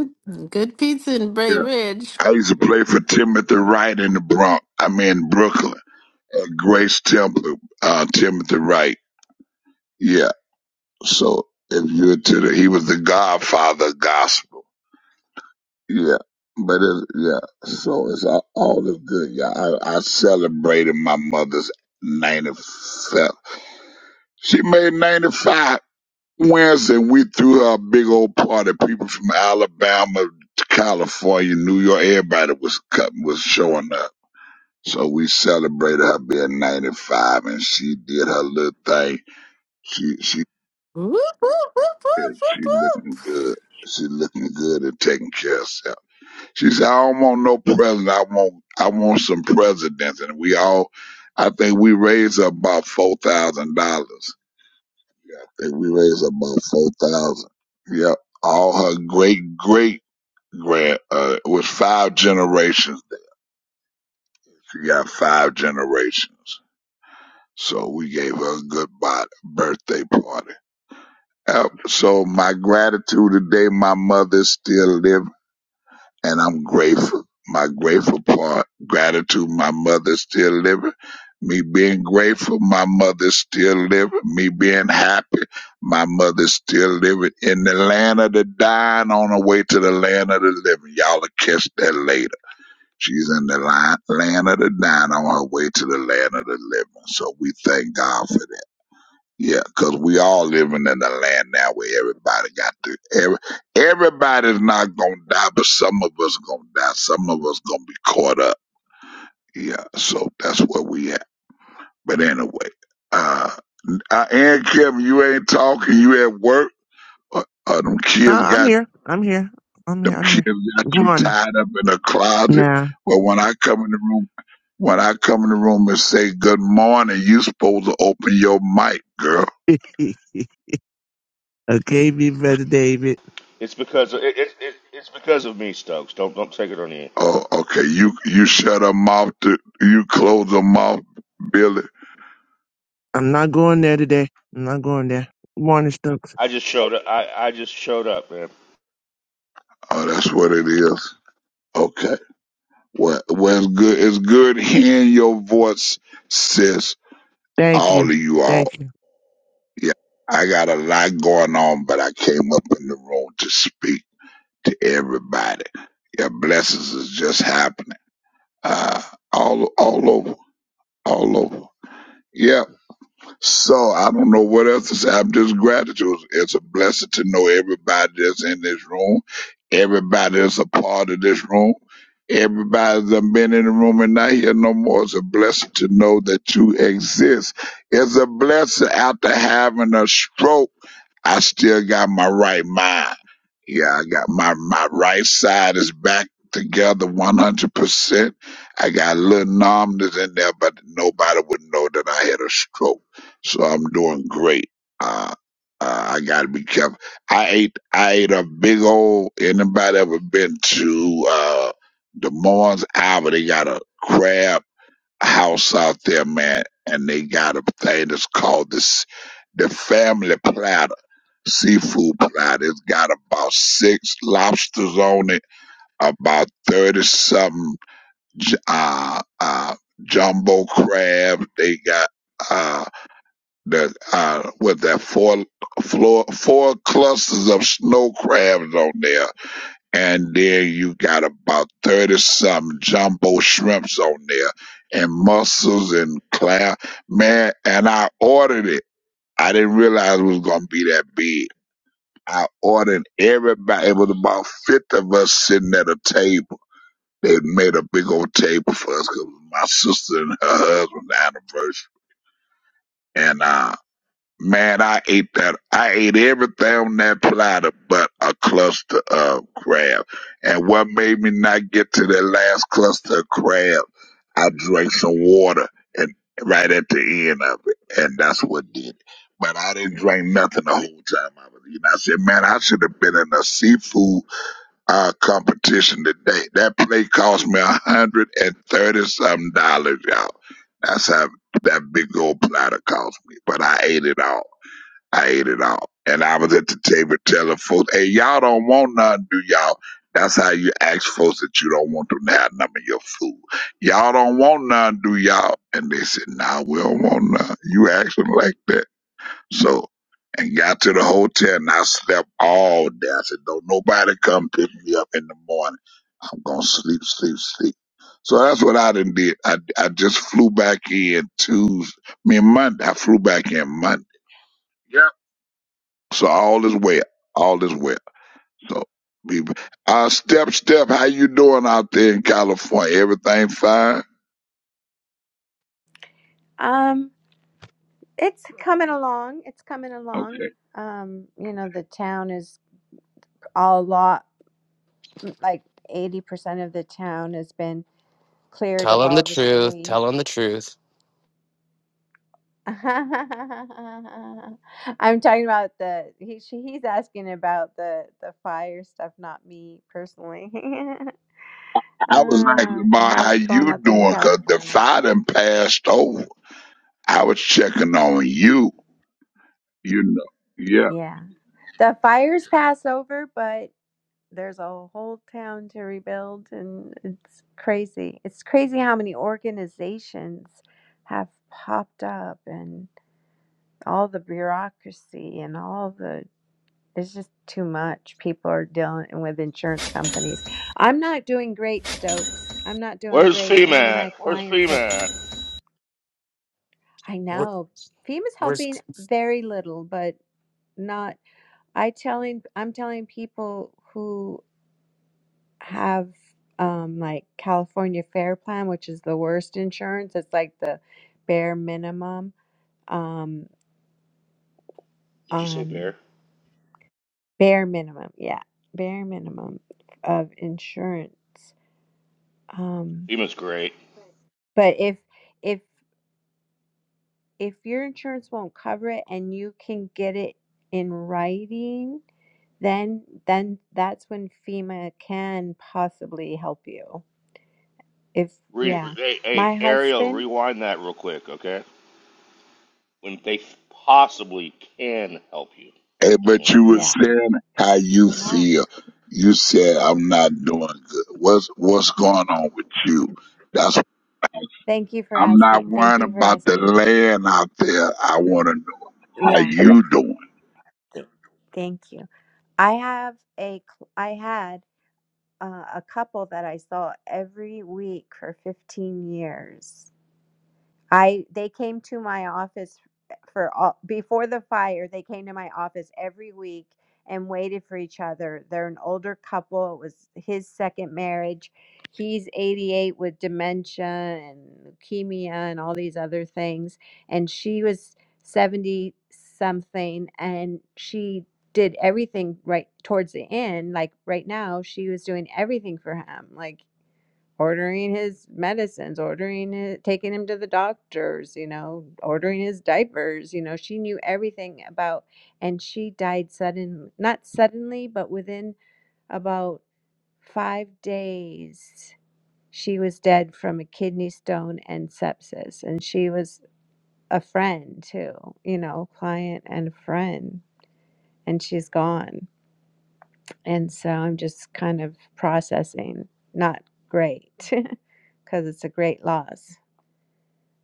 Good pizza in Bay
yeah.
Ridge.
I used to play for Timothy Wright in the Bronx. I mean Brooklyn. Uh, Grace Temple, uh, Timothy Wright. Yeah. So if you're to the, he was the Godfather of gospel. Yeah. But it, yeah, so it's all, all is good. Yeah, I, I celebrated my mother's 95th. She made 95. Wednesday, we threw a big old party. People from Alabama, to California, New York, everybody was cut, was showing up. So we celebrated her being 95, and she did her little thing. She she
Whoop, whoop, whoop,
yeah,
whoop,
she
whoop,
looking
whoop.
good. She looking good and taking care of herself. She said, "I don't want no president. I want I want some presidents." And we all, I think we raised her about four thousand dollars. think we raised about four thousand. Yep. All her great great grand uh it was five generations. She got five generations. So we gave her a good bi- birthday party. Yep. So my gratitude today, my mother is still living. and I'm grateful. My grateful part, gratitude, my mother's still living. Me being grateful, my mother's still living. Me being happy, my mother's still living. In the land of the dying, on her way to the land of the living. Y'all will catch that later. She's in the line, land of the dying, on her way to the land of the living. So we thank God for that. Yeah, 'cause we all living in a land now where everybody got to. Every, everybody's not gonna die, but some of us gonna die. Some of us gonna be caught up. Yeah, so that's where we at. But anyway, uh, uh and Kevin, you ain't talking. You at work? Uh, uh, them kids
I, I'm
got
here. I'm here. I'm here.
them
I'm
kids
here.
got
Good
you
morning.
tied up in a closet.
Nah.
But when I come in the room, when I come in the room and say good morning, you supposed to open your mic, girl.
okay, Big brother David.
It's because of, it, it, it it's because of me, Stokes. Don't don't take it on you.
Oh, okay. You you shut her mouth. To, you close her mouth, Billy.
I'm not going there today. I'm not going there. morning, Stokes.
I just showed up. I, I just showed up, man.
Oh, that's what it is. Okay. Well, well, it's good. It's good hearing your voice, sis.
Thank
All
you.
of you all.
Thank you.
Yeah, I got a lot going on, but I came up in the room to speak to everybody. Yeah, blessings is just happening. Uh, all all over, all over. Yeah. So I don't know what else to say. I'm just gratitude. It's a blessing to know everybody that's in this room, everybody that's a part of this room, everybody that's been in the room and not here no more. It's a blessing to know that you exist. It's a blessing after having a stroke. I still got my right mind. Yeah, I got my, my right side is back together 100%. I got a little numbness in there, but nobody would know that I had a stroke so I'm doing great. Uh, uh, I gotta be careful. I ate I ate a big old. Anybody ever been to uh, Des Moines, Iowa? They got a crab house out there, man, and they got a thing that's called this the family platter. Seafood platter. It's got about six lobsters on it, about thirty something j- uh, uh, jumbo crabs. They got. uh, that uh, with that four floor four clusters of snow crabs on there, and then you got about thirty some jumbo shrimps on there, and mussels and crab. Man, and I ordered it. I didn't realize it was gonna be that big. I ordered everybody. It was about fifty of us sitting at a table. They made a big old table for us us 'cause my sister and her husband's anniversary, and uh, Man, I ate that. I ate everything on that platter but a cluster of crab. And what made me not get to that last cluster of crab, I drank some water and right at the end of it. And that's what did it. But I didn't drink nothing the whole time I was eating. I said, man, I should have been in a seafood uh, competition today. That plate cost me a hundred and thirty something dollars, y'all. That's how that big old platter cost me. But I ate it all. I ate it all. And I was at the table telling folks, hey, y'all don't want nothing, do y'all? That's how you ask folks that you don't want them to have none of your food. Y'all don't want none, do y'all? And they said, nah, we don't want none. You acting like that. So, and got to the hotel and I slept all day. I said, don't nobody come pick me up in the morning. I'm going to sleep, sleep, sleep. So that's what I done did. I, I just flew back in Tuesday. I mean, Monday. I flew back in Monday. So all is well. All is well. So we uh step step, how you doing out there in California? Everything fine?
Um, it's coming along. It's coming
Okay.
along. Um, you know, the town is a lot like eighty percent of the town has been cleared
Tell
of
him the
all the
truth.
debris.
Tell him the truth.
I'm talking about the he she, he's asking about the the fire stuff, not me personally.
I was
uh,
asking about how
how's it going
you
out there in
doing because the
California?
fire done passed over. I was checking on you, you know. Yeah.
Yeah, the fires pass over, but there's a whole town to rebuild, and it's crazy. It's crazy how many organizations have popped up and all the bureaucracy and all the it's just too much. People are dealing with insurance companies. I'm not doing great, Stokes. I'm not doing
Where's
great.
FEMA
One of my
at? Where's
clients have,
FEMA at?
I know, FEMA's
Where's
helping very little, but not. I telling, I'm telling people who have um like California Fair Plan, which is the worst insurance. It's like the bare minimum. Um,
Did you say
um,
bear?
bare minimum. Yeah, bare minimum of insurance. Um
Seaman's great.
But if if if your insurance won't cover it and you can get it in writing, then then that's when FEMA can possibly help you. If
Re-
yeah,
hey, hey,
my
Ariel,
husband,
rewind that real quick, okay? When they possibly can help you.
Hey, but
hmm
you were
yeah.
saying how you
Not,
feel. You said I'm not doing good. What's what's going on with you? That's
thank you for
I'm not
asking. Thank
worrying
you for
about the
asking.
land out there. I want to know how
Yeah.
you doing.
th- Thank you. I have a cl- I had uh, a couple that I saw every week for 15 years I they came to my office for all before the fire. They came to my office every week and waited for each other. They're an older couple. It was his second marriage. He's 88 with dementia and leukemia and all these other things and she was 70 something and she did everything right towards the end like right now she was doing everything for him like ordering his medicines, ordering his, taking him to the doctors, you know, ordering his diapers, you know, she knew everything about and she died sudden not suddenly, but within about 5 days she was dead from a kidney stone and sepsis and she was a friend too, you know, client and friend and she's gone. And so I'm just kind of processing. Not great because it's a great loss.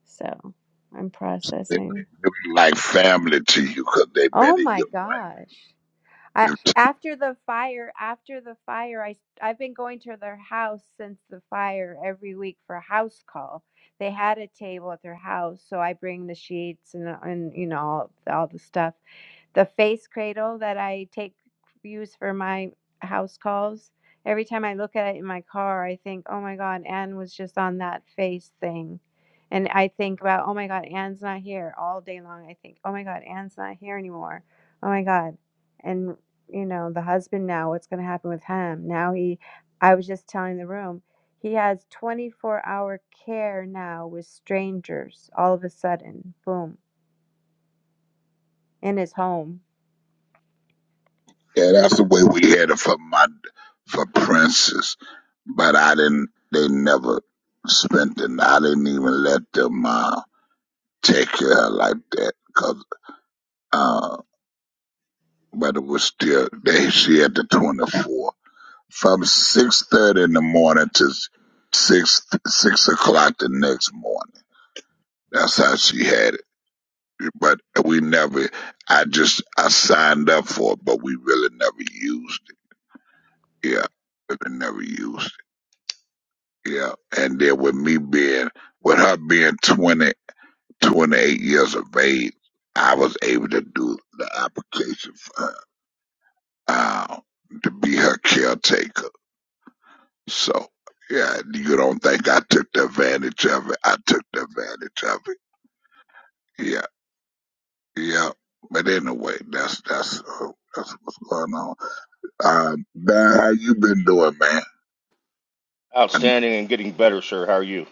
So I'm
They
processing.
look like family to you, cause 'cause they've
Oh
been in
my
your life.
gosh. I, after the fire, after the fire, I I've been going to their house since the fire every week for a house call. They had a table at their house, so I bring the sheets and and you know all, all the stuff the face cradle that I take use for my house calls. Every time I look at it in my car, I think, "Oh my God, Anne was just on that face thing," and I think about, "Oh my God, Anne's not here." All day long, I think, "Oh my God, Anne's not here anymore." Oh my God, and you know the husband now. What's going to happen with him now? He, I was just telling the room, he has twenty four hour care now with strangers. All of a sudden, boom, in his home
Yeah, that's the way we had it for my for Princess, but I didn't. They never spent it. I didn't even let them uh, take care of her like that 'cause, uh, but it was still they. She had the twenty four from six thirty in the morning to six six o'clock the next morning. That's how she had it. but we never. I just I signed up for it, but we really never used it. Yeah, really never used it. Yeah, and then with me being with her being 20, 28 years of age, I was able to do the application for her uh, to be her caretaker. So yeah, you don't think I took the advantage of it? I took the advantage of it. Yeah, yeah. But anyway, that's that's uh, that's what's going on. Uh, man, how you been doing, man? And
Outstanding and getting better, sir. How are you?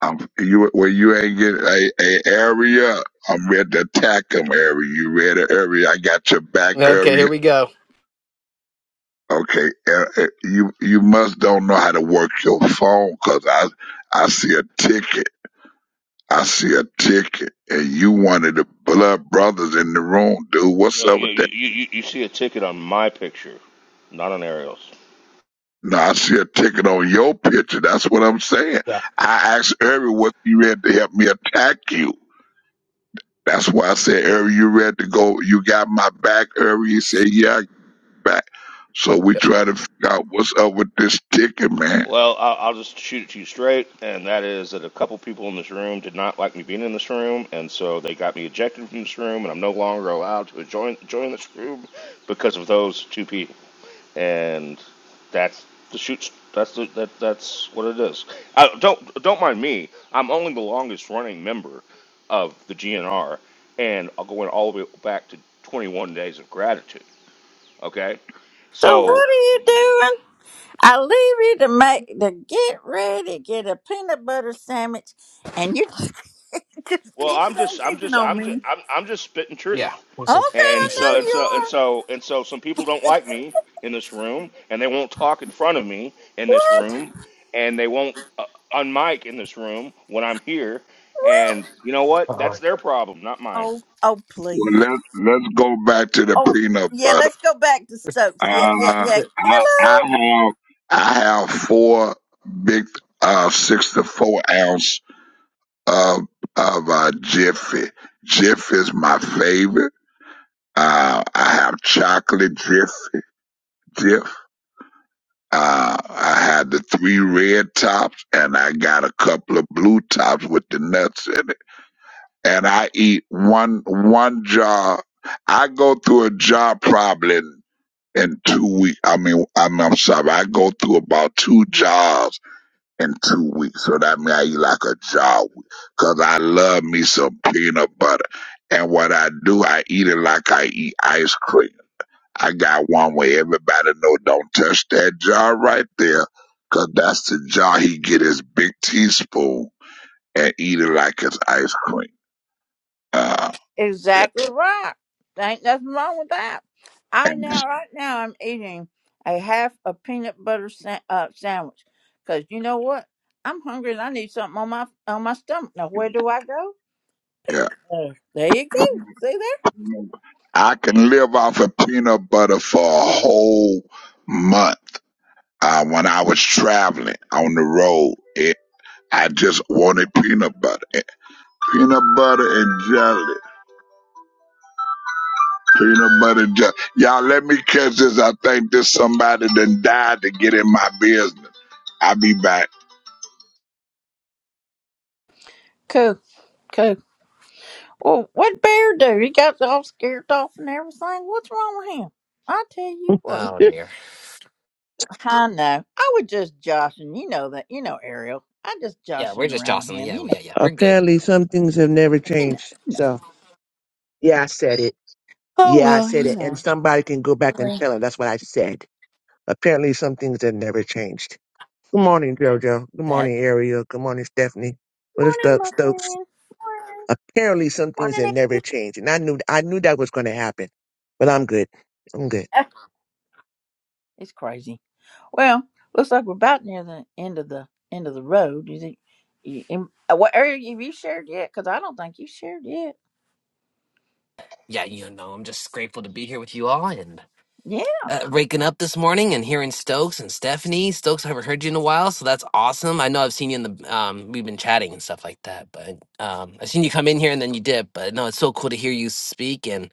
um, you where you ain't get a, a area. I'm ready to attack 'em area. You ready area? I got your back
Okay, here
area.
we go.
Okay, uh, uh, you you must don't know how to work your phone 'cause I I see a ticket. I see a ticket, and you one of the blood brothers in the room, dude.
You,
What's
know,
up
you,
with
you,
that?
you, you- see a ticket on my picture, not on Ariel's.
No, I see a ticket on your picture. That's what I'm saying.
yeah?
I asked Area, what you ready to help me attack you? That's why I said earlier, you ready to go? You got my back earlier. You said, yeah, I got back. So we
Yes.
try to figure out what's up with this ticket, man.
Well, I'll, I'll just shoot it to you straight, and that is that a couple people in this room did not like me being in this room, and so they got me ejected from this room, and I'm no longer allowed to join join this room because of those two people. and that's the shoot. That's the that that's what it is. I, don't don't mind me. I'm only the longest running member of the GNR, and I'll go in all the way back to 21 days of gratitude. Okay,
So what
so
are you doing? I leave you to make to get ready, get a peanut butter sandwich, and you just keep
Well,
it
I'm
on
just, I'm
keeping
just,
on
I'm just,
me.
I'm, I'm just spitting
Yeah.
truth,
Okay, I
Where's it?
and
Where's it?
so
know
and
you
so and
are.
so and so. Some people don't like me in this room, and they won't talk in front of me in this
What?
room, and they won't uh, unmic in this room when I'm here.
Well,
And you know what?
Oh,
That's their problem, not mine.
oh, oh,
Well,
please.
let's, let's go back to the
Oh,
peanut
yeah.
butter.
Let's go back to
it's,
Stokes.
Uh,
Yeah, yeah, yeah.
yeah.
I, I
Hello.
have, I have four big, uh, six to four ounce of, of, uh, Jiffy. Jiff is my favorite. Uh, I have chocolate Jiff, Jiff. Uh, I had the three red tops and I got a couple of blue tops with the nuts in it. And I eat one, one jar. I go through a jar probably in, in two weeks. I mean, I mean, I'm sorry. I go through about two jars in two weeks. So that means I eat like a jar because I love me some peanut butter. And what I do, I eat it like I eat ice cream. I got one where everybody know don't touch that jar right there, 'cause that's the jar he get his big teaspoon and eat it like it's ice cream. Uh,
Exactly right. Ain't nothing wrong with that. I
and
now, right now, I'm eating a half a peanut butter sa- uh, sandwich because you know what? I'm hungry and I need something on my on my stomach. Now, where do I go?
yeah,
Uh, there you go. See there?
I can live off of peanut butter for a whole month. Uh, when I was traveling on the road, it, I just wanted peanut butter, peanut butter and jelly. Peanut butter jelly. Y'all let me catch this. I think this somebody done died to get in my business. I'll be back.
Cool, cool. Well, what bear do? He got all scared off and everything. What's wrong with him? I tell you what.
Oh dear.
I know. I was just joshing. You know that. You know Ariel. I just
Yeah, we're
joshing
just
around with
jostling.
him.
Yeah,
You
well,
know.
yeah, yeah. We're good.
Apparently, some things have never
You know.
changed. So, yeah, I said it.
Oh
Yeah, I
well.
said
You
it.
know.
And somebody can go back and tell
Right.
them that's what I said. Apparently, some things have never changed. Good morning, JoJo. Good morning, Ariel. Good morning, Stephanie.
Morning,
Brother
my
Stokes.
friend. Morning.
Apparently, some things
Morning.
have
Nick.
never changed, and I knew I knew that was going to happen. But I'm good. I'm good.
Ah, It's crazy. Well, looks like we're about near the end of the end of the road. Is it? You, in, uh, what area have you shared yet? Because I don't think you shared yet.
Yeah, you know, I'm just grateful to be here with you all, and.
Yeah.
uh, raking up this morning and hearing Stokes and Stephanie. Stokes, I haven't heard you in a while, so that's awesome. I know I've seen you in the um, we've been chatting and stuff like that, but um, I've seen you come in here and then you dip. But no, it's so cool to hear you speak, and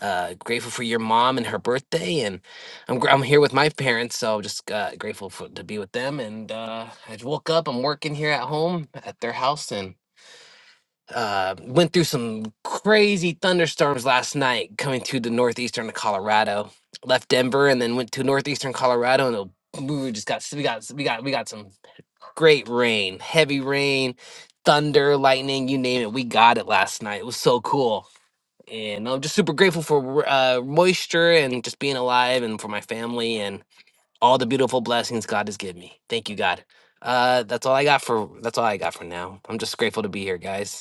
uh, grateful for your mom and her birthday, and I'm gr- I'm here with my parents, so just uh, grateful for, to be with them. And uh, I woke up, I'm working here at home at their house, and uh, went through some crazy thunderstorms last night coming to the northeastern of Colorado. Left Denver and then went to northeastern Colorado and it- we just got we got we got we got some great rain, heavy rain, thunder, lightning, you name it. We got it last night. It was so cool. And I'm just super grateful for uh, moisture and just being alive and for my family and all the beautiful blessings God has given me. Thank you, God. Uh, that's all I got for that's all I got for now. I'm just grateful to be here, guys.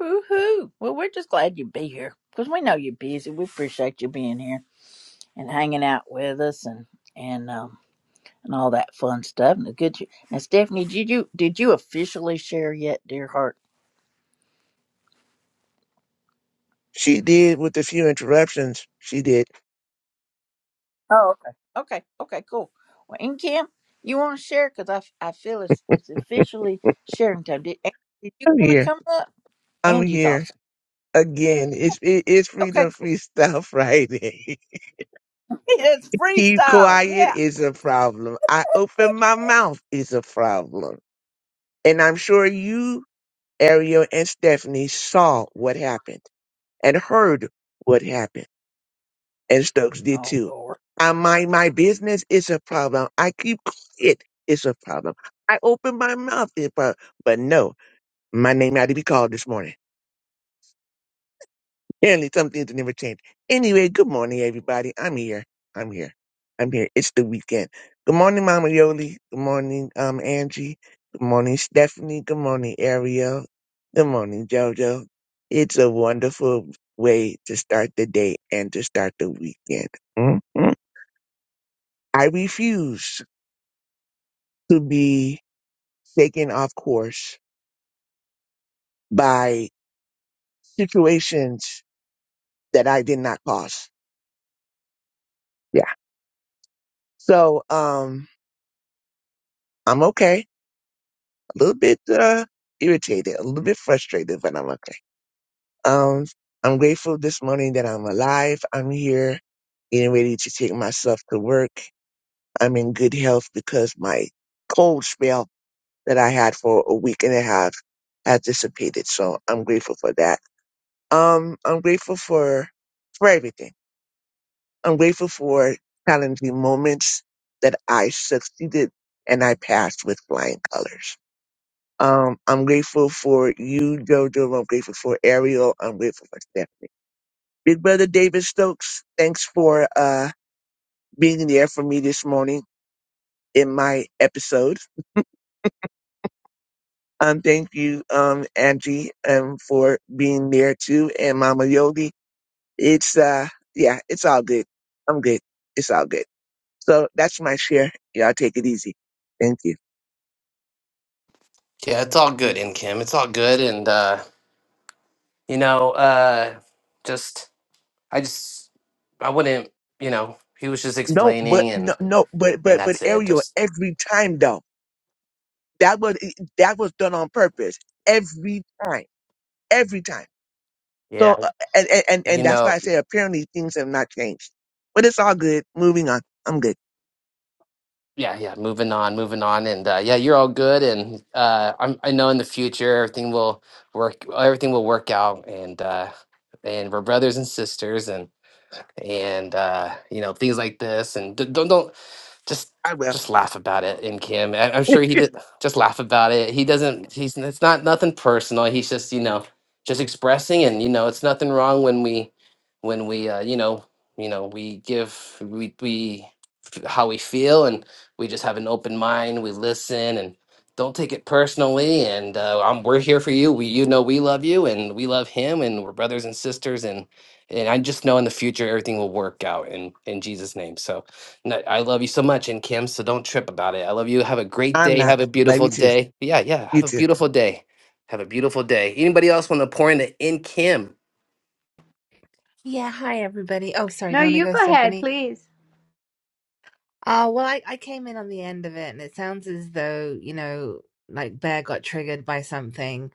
Woohoo. Well, we're just glad you be here because we know you're busy. We appreciate you being here and hanging out with us and and um and all that fun stuff. And the good. You, now, Stephanie, did you did you officially share yet, dear heart?
She did with a few interruptions. She did.
Oh, okay. Okay. Okay. Cool. Well, and Kim, you want to share? Because I, I feel it's, it's officially sharing time. Did, An- did you
I'm
want to
here.
come up?
I'm
Angie's
here
awesome.
again. It's it, it's
Okay.
freedom
Cool.
freestyle Friday.
It's
Keep
freestyle.
quiet
Yeah.
is a problem. I open my mouth is a problem, and I'm sure you, Ariel, and Stephanie saw what happened and heard what happened. and Stokes did
Oh
too.
Lord.
I mind my business is a problem. I keep quiet it's a problem. I open my mouth it's a problem. But no, my name had to be called this morning. Apparently some things never change. Anyway, good morning everybody. I'm here. I'm here. I'm here. It's the weekend. Good morning, Mama Yoli. Good morning, um, Angie. Good morning, Stephanie. Good morning, Ariel. Good morning, Jojo. It's a wonderful way to start the day and to start the weekend. Mm-hmm. I refuse to be taken off course by situations that I did not cause. Yeah. So, um, I'm okay. A little bit, uh, irritated, a little bit frustrated, but I'm okay. Um, I'm grateful this morning that I'm alive. I'm here getting ready to take myself to work. I'm in good health because my cold spell that I had for a week and a half has dissipated. So I'm grateful for that. Um, I'm grateful for for everything. I'm grateful for challenging moments that I succeeded and I passed with flying colors. Um, I'm grateful for you, Jojo. I'm grateful for Ariel. I'm grateful for Stephanie. Big brother David Stokes, thanks for uh being there for me this morning in my episode. Um, thank you, um, Angie, um, for being there too, and Mama Yogi. It's uh, yeah, it's all good. I'm good. It's all good. So that's my share. Y'all take it easy. Thank you.
Yeah, it's all good in Kim. It's all good, and uh, you know, uh, just I just I wouldn't, you know, he was just
No, but
explaining, and
no, no, but
and
but but
that's it.
Ariel,
Just
every time though, that was eh, that was done on purpose. Every time, every time.
yeah,
So uh, and and and
you
and that's why
know,
I say apparently things have not changed. But it's all good. Moving on. I'm good.
yeah, yeah. Moving on, moving on, and uh, yeah, you're all good, and uh, I'm I know in the future everything will work, everything will work out, and uh, and we're brothers and sisters, and and uh, you know things like this, and d- don't don't just
I will.
just laugh about it and Kim. I- I'm sure he did. Just laugh about it. He doesn't. He's it's not nothing personal. He's just you know just expressing, and you know it's nothing wrong when we when we uh, you know you know we give we we f- how we feel, and we just have an open mind. We listen and don't take it personally. And uh, I'm, we're here for you. We you know we love you, and we love him, and we're brothers and sisters, and and I just know in the future everything will work out in in Jesus' name. So no, I love you so much, and Kim, so don't trip about it. I love you. Have a great
I'm
day.
not.
Have a
Love
beautiful
you too.
day. Yeah, yeah.
You
Have a
too.
beautiful day. Have a beautiful day. Anybody else want to pour into in Kim?
Yeah, hi everybody. Oh, sorry, do
No,
you want to
you
go,
go ahead,
Stephanie?
please.
Uh, well, I, I came in on the end of it, and it sounds as though, you know, like Bear got triggered by something.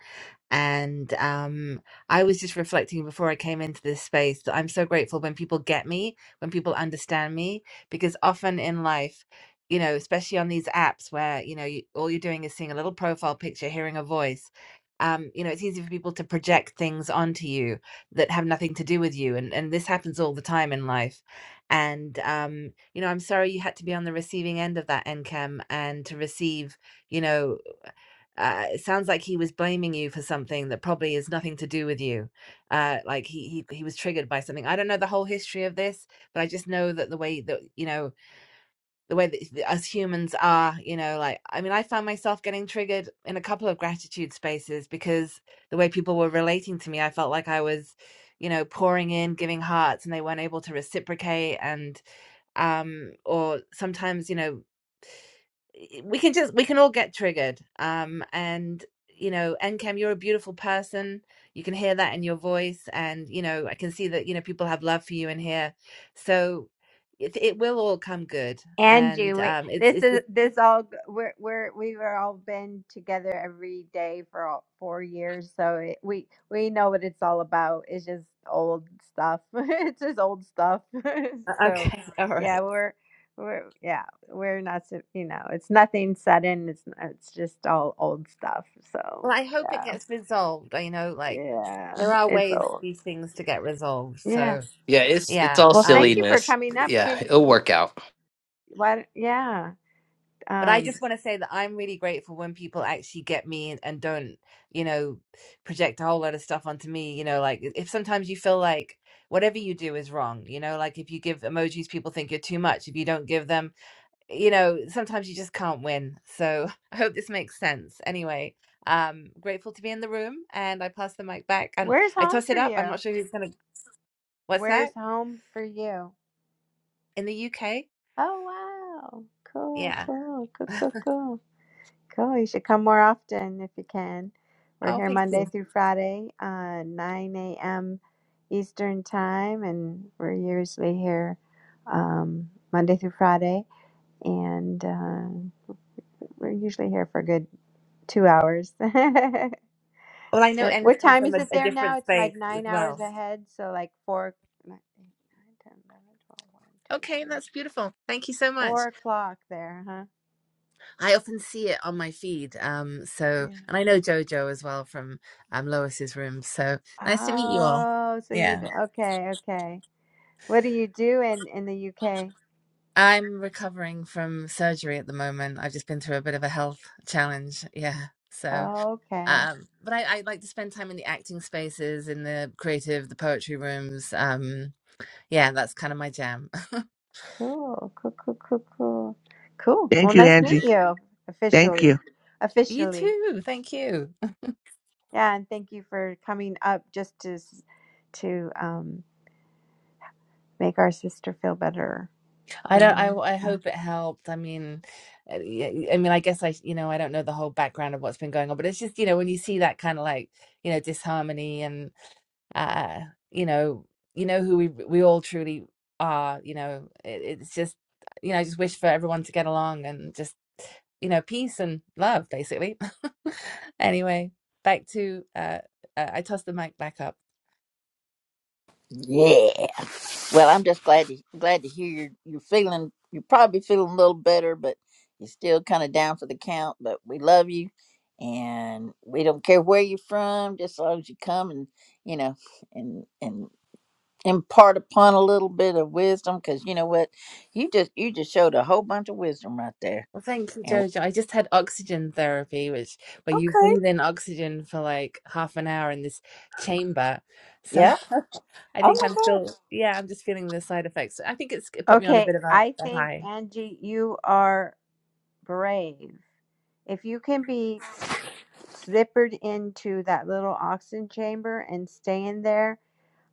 And um, I was just reflecting before I came into this space that I'm so grateful when people get me, when people understand me, because often in life, you know, especially on these apps where, you know, you, all you're doing is seeing a little profile picture, hearing a voice. Um, you know, it's easy for people to project things onto you that have nothing to do with you. And, and this happens all the time in life. And, um, you know, I'm sorry you had to be on the receiving end of that NCAM and to receive, you know, uh, it sounds like he was blaming you for something that probably is nothing to do with you. Uh, like he, he he was triggered by something. I don't know the whole history of this, but I just know that the way that you know the way that th- us humans are, you know, like I mean, I found myself getting triggered in a couple of gratitude spaces because the way people were relating to me, I felt like I was, you know, pouring in, giving hearts, and they weren't able to reciprocate, and um, or sometimes you know we can just we can all get triggered um and you know Encam you're a beautiful person you can hear that in your voice and you know I can see that you know people have love for you in here so it, it will all come good
Angie,
and
we,
um it's
this
it's
is
just,
this all g- we're we're we've all been together every day for all, four years, so it, we we know what it's all about. It's just old stuff. it's just old stuff. so,
okay all
yeah,
right
we're we're yeah we're not so- you know it's nothing sudden. It's n- it's just all old stuff.
well
So
I hope it
yeah
gets resolved you know like
yeah
there are
it's
ways for
old.
these things to get resolved
Yeah.
so
Yeah, it's it's
yeah
all
Well, thank
um.
you for
silliness.
coming up.
Yeah,
Can
it'll
you?
work out.
Why? Yeah.
But I
Um.
just want to say that I'm really grateful when people actually get me and, and don't, you know, project a whole lot of stuff onto me. You know, like if sometimes you feel like whatever you do is wrong, you know, like if you give emojis, people think you're too much. If you don't give them, you know, sometimes you just can't win. So I hope this makes sense. Anyway, um, grateful to be in the room and I pass the mic back and
Where's
I
home
toss
for
it up. I'm not
you?
sure who's going to, what's
Where's
that?
home for you?
In the UK?
Oh wow. Cool,
Yeah.
cool, cool, cool, cool. Cool. You should come more often if you can. We're
Oh,
here
thank
Monday
you.
through Friday, uh, 9 a.m. Eastern time, and we're usually here um, Monday through Friday, and uh, we're usually here for a good two hours.
Well, I know
So
N
what
come
time
from
is
a,
it
a
there now?
different
It's like
space as
nine hours
well.
ahead. So like four, nine, nine, 10, eleven, twelve, one, two,
Okay,
three,
that's beautiful. Thank you so
four
much.
o'clock there, huh?
I often see it on my feed. Um, so,
Yeah.
and I know Jojo as well from um, Lois's room. So nice to meet you all.
Oh, so you,
Yeah.
okay, okay. What do you do in, in the UK?
I'm recovering from surgery at the moment. I've just been through a bit of a health challenge. Yeah. So,
Okay,
um, but I, I like to spend time in the acting spaces, in the creative, the poetry rooms. Um, yeah, that's kind of my jam.
cool, cool, cool, cool, cool. Cool. Well,
Thank you,
nice to meet
Angie.
you
Thank
officially,
you.
You
officially.
too. Thank you.
Yeah, and thank you for coming up just to s- to um, make our sister feel better
I don't. I,
and.
I hope it helped. I mean, uh, y- I mean, I guess I, you know, I don't know the whole background of what's been going on, but it's just, you know, when you see that kind of like, you know, disharmony and, uh, you know, you know who we we all truly are. You know, it, it's just, you know, I just wish for everyone to get along and just, you know, peace and love, basically. anyway, back to, uh, uh, I tossed the mic back up.
Yeah. Well, I'm just glad to glad to hear you're you're feeling. You're probably feeling a little better, but you're still kind of down for the count. But we love you, and we don't care where you're from, just as long as you come and you know, and and impart upon a little bit of wisdom because you know what you just you just showed a whole bunch of wisdom right there
Well, thank you,
and we,
Jojo. I just had oxygen therapy, which where you
okay
breathe in oxygen for like half an hour in this chamber. So
yeah
I
oh
think I'm
my God!
still, yeah, I'm just feeling the side effects. I think it's it put me on a
Okay,
bit of a,
I
a
think
high.
Angie, you are brave. If you can be s- zippered into that little oxygen chamber and stay in there,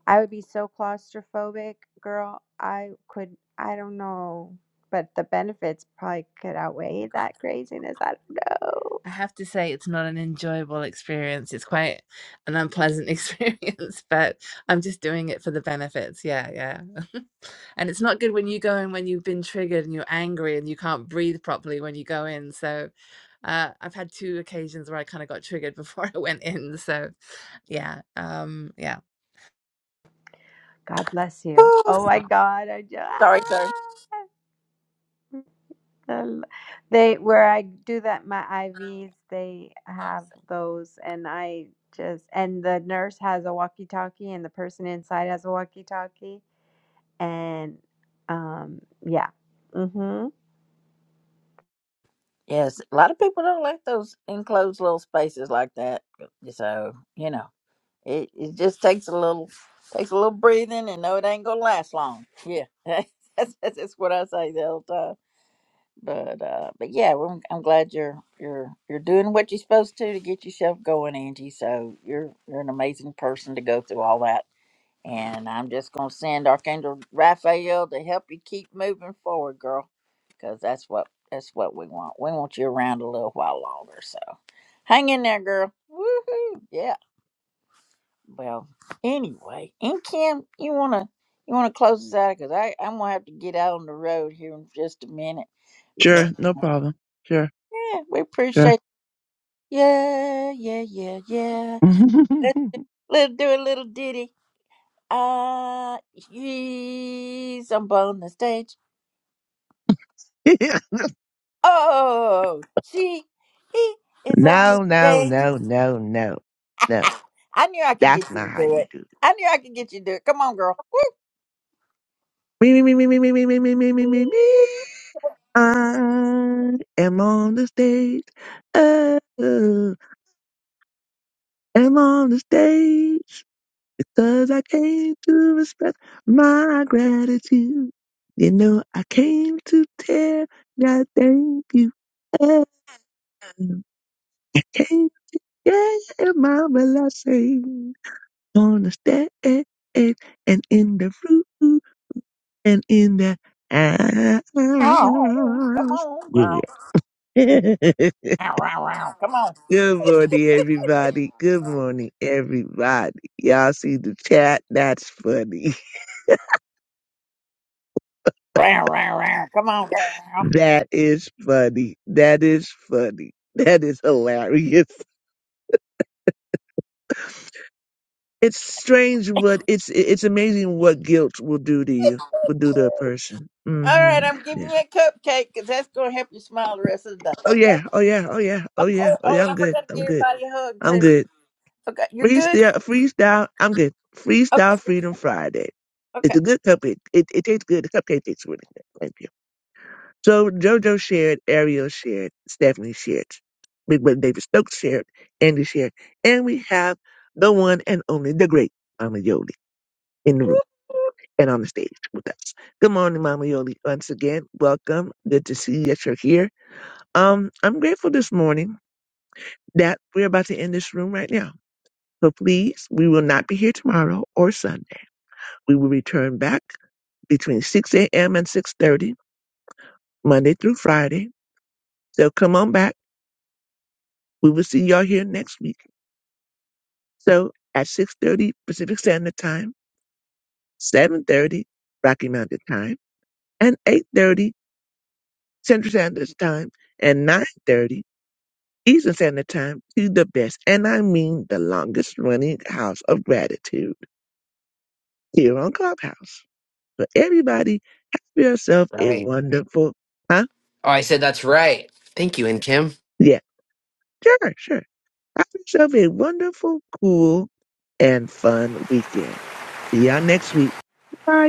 I would be so claustrophobic, girl. I could, I don't know, but the benefits probably could outweigh that craziness. I don't know.
I have to say, it's not an enjoyable experience. It's quite an unpleasant experience, but I'm just doing it for the benefits. Yeah, yeah. and it's not good when you go in when you've been triggered and you're angry and you can't breathe properly when you go in. So uh, I've had two occasions where I kind of got triggered before I went in. So yeah, um, yeah.
God bless you.
Oh,
Oh my God, I just.
sorry sorry
Um, They where I do that my IVs, they have those, and I just and the nurse has a walkie-talkie, and the person inside has a walkie-talkie, and um, yeah, Mhm.
yes a lot of people don't like those enclosed little spaces like that so you know it, it just takes a little takes a little breathing and no it ain't gonna last long yeah that's, that's, that's what i say the whole time but uh but yeah well, I'm, glad you're you're you're doing what you're supposed to to get yourself going angie so you're you're an amazing person to go through all that and i'm just going to send archangel raphael to help you keep moving forward girl because that's what that's what we want we want you around a little while longer so hang in there girl Woohoo! yeah well anyway and kim you want to you want to close this out because i i'm going to have to get out on the road here in just a minute
Sure,
but
no problem. Sure,
yeah, we
sure.
appreciate Yeah, yeah, yeah, yeah.
no,
Let's, let's do a little ditty. Ah, he's up on the stage. Oh, she, he is on the
no, no,
stage.
no, no, no.
Ah, I knew I could
That's
get you to
not how
do
you
it.
do. it.
I knew I could get you to do it. Come on, girl.
Me, me, me, me, me, me, me, me, me, me, me, me, me. I am on the stage. I am on the stage because I came to express my gratitude. You know, I came to tell God thank you. Oh, I came, yeah, my blessing on the stage and in the room and in the house.
Oh, come on, girl.
Good
Ow, ow, ow. Come on.
morning, everybody. Good morning, everybody. Y'all see the chat? That's funny.
Row, row, row. Come on, girl.
That is funny. That is funny. That is hilarious. It's strange but it's it's amazing what guilt will do to you, will do to a person.
All
hmm
right, I'm giving
Yeah.
you a cupcake because that's going to help you smile the rest of the day.
Oh yeah.
Okay?
Oh yeah. Oh yeah.
Oh,
Oh yeah.
oh,
Oh
oh,
yeah.
and
I'm
I
good.
forgot to
I'm
give
good.
everybody a hug,
I'm
too.
good.
Okay, you're good.
Freestyle. Freestyle. I'm good.
Okay,
Freestyle
you're-
Freedom Friday.
okay.
It's a good cupcake. It, it tastes good. The cupcake tastes really good. So JoJo shared, Ariel shared, Stephanie shared, Big Brother David Stokes shared, Andy shared, and we have the one and only, the great Mama Yoli in the room and on the stage with us. Good morning, Mama Yoli. Once again, welcome. Good to see that you're here. Um, I'm grateful this morning that we're about to end this room right now. So please, we will not be here tomorrow or Sunday. We will return back between 6 a.m. and 6.30, Monday through Friday. So come on back. We will see y'all here next week So at 6.30 Pacific Standard Time, 7.30 Rocky Mountain Time, and 8.30 Central Standard Time, and 9.30 Eastern Standard Time to the best, and I mean the longest running house of gratitude here on Clubhouse. So everybody, have yourself
All
a
Right.
wonderful, huh?
Oh, I said that's right. Thank you, in Kim.
Yeah, sure, sure. Have yourself a wonderful, cool, and fun weekend. See y'all next week. Bye.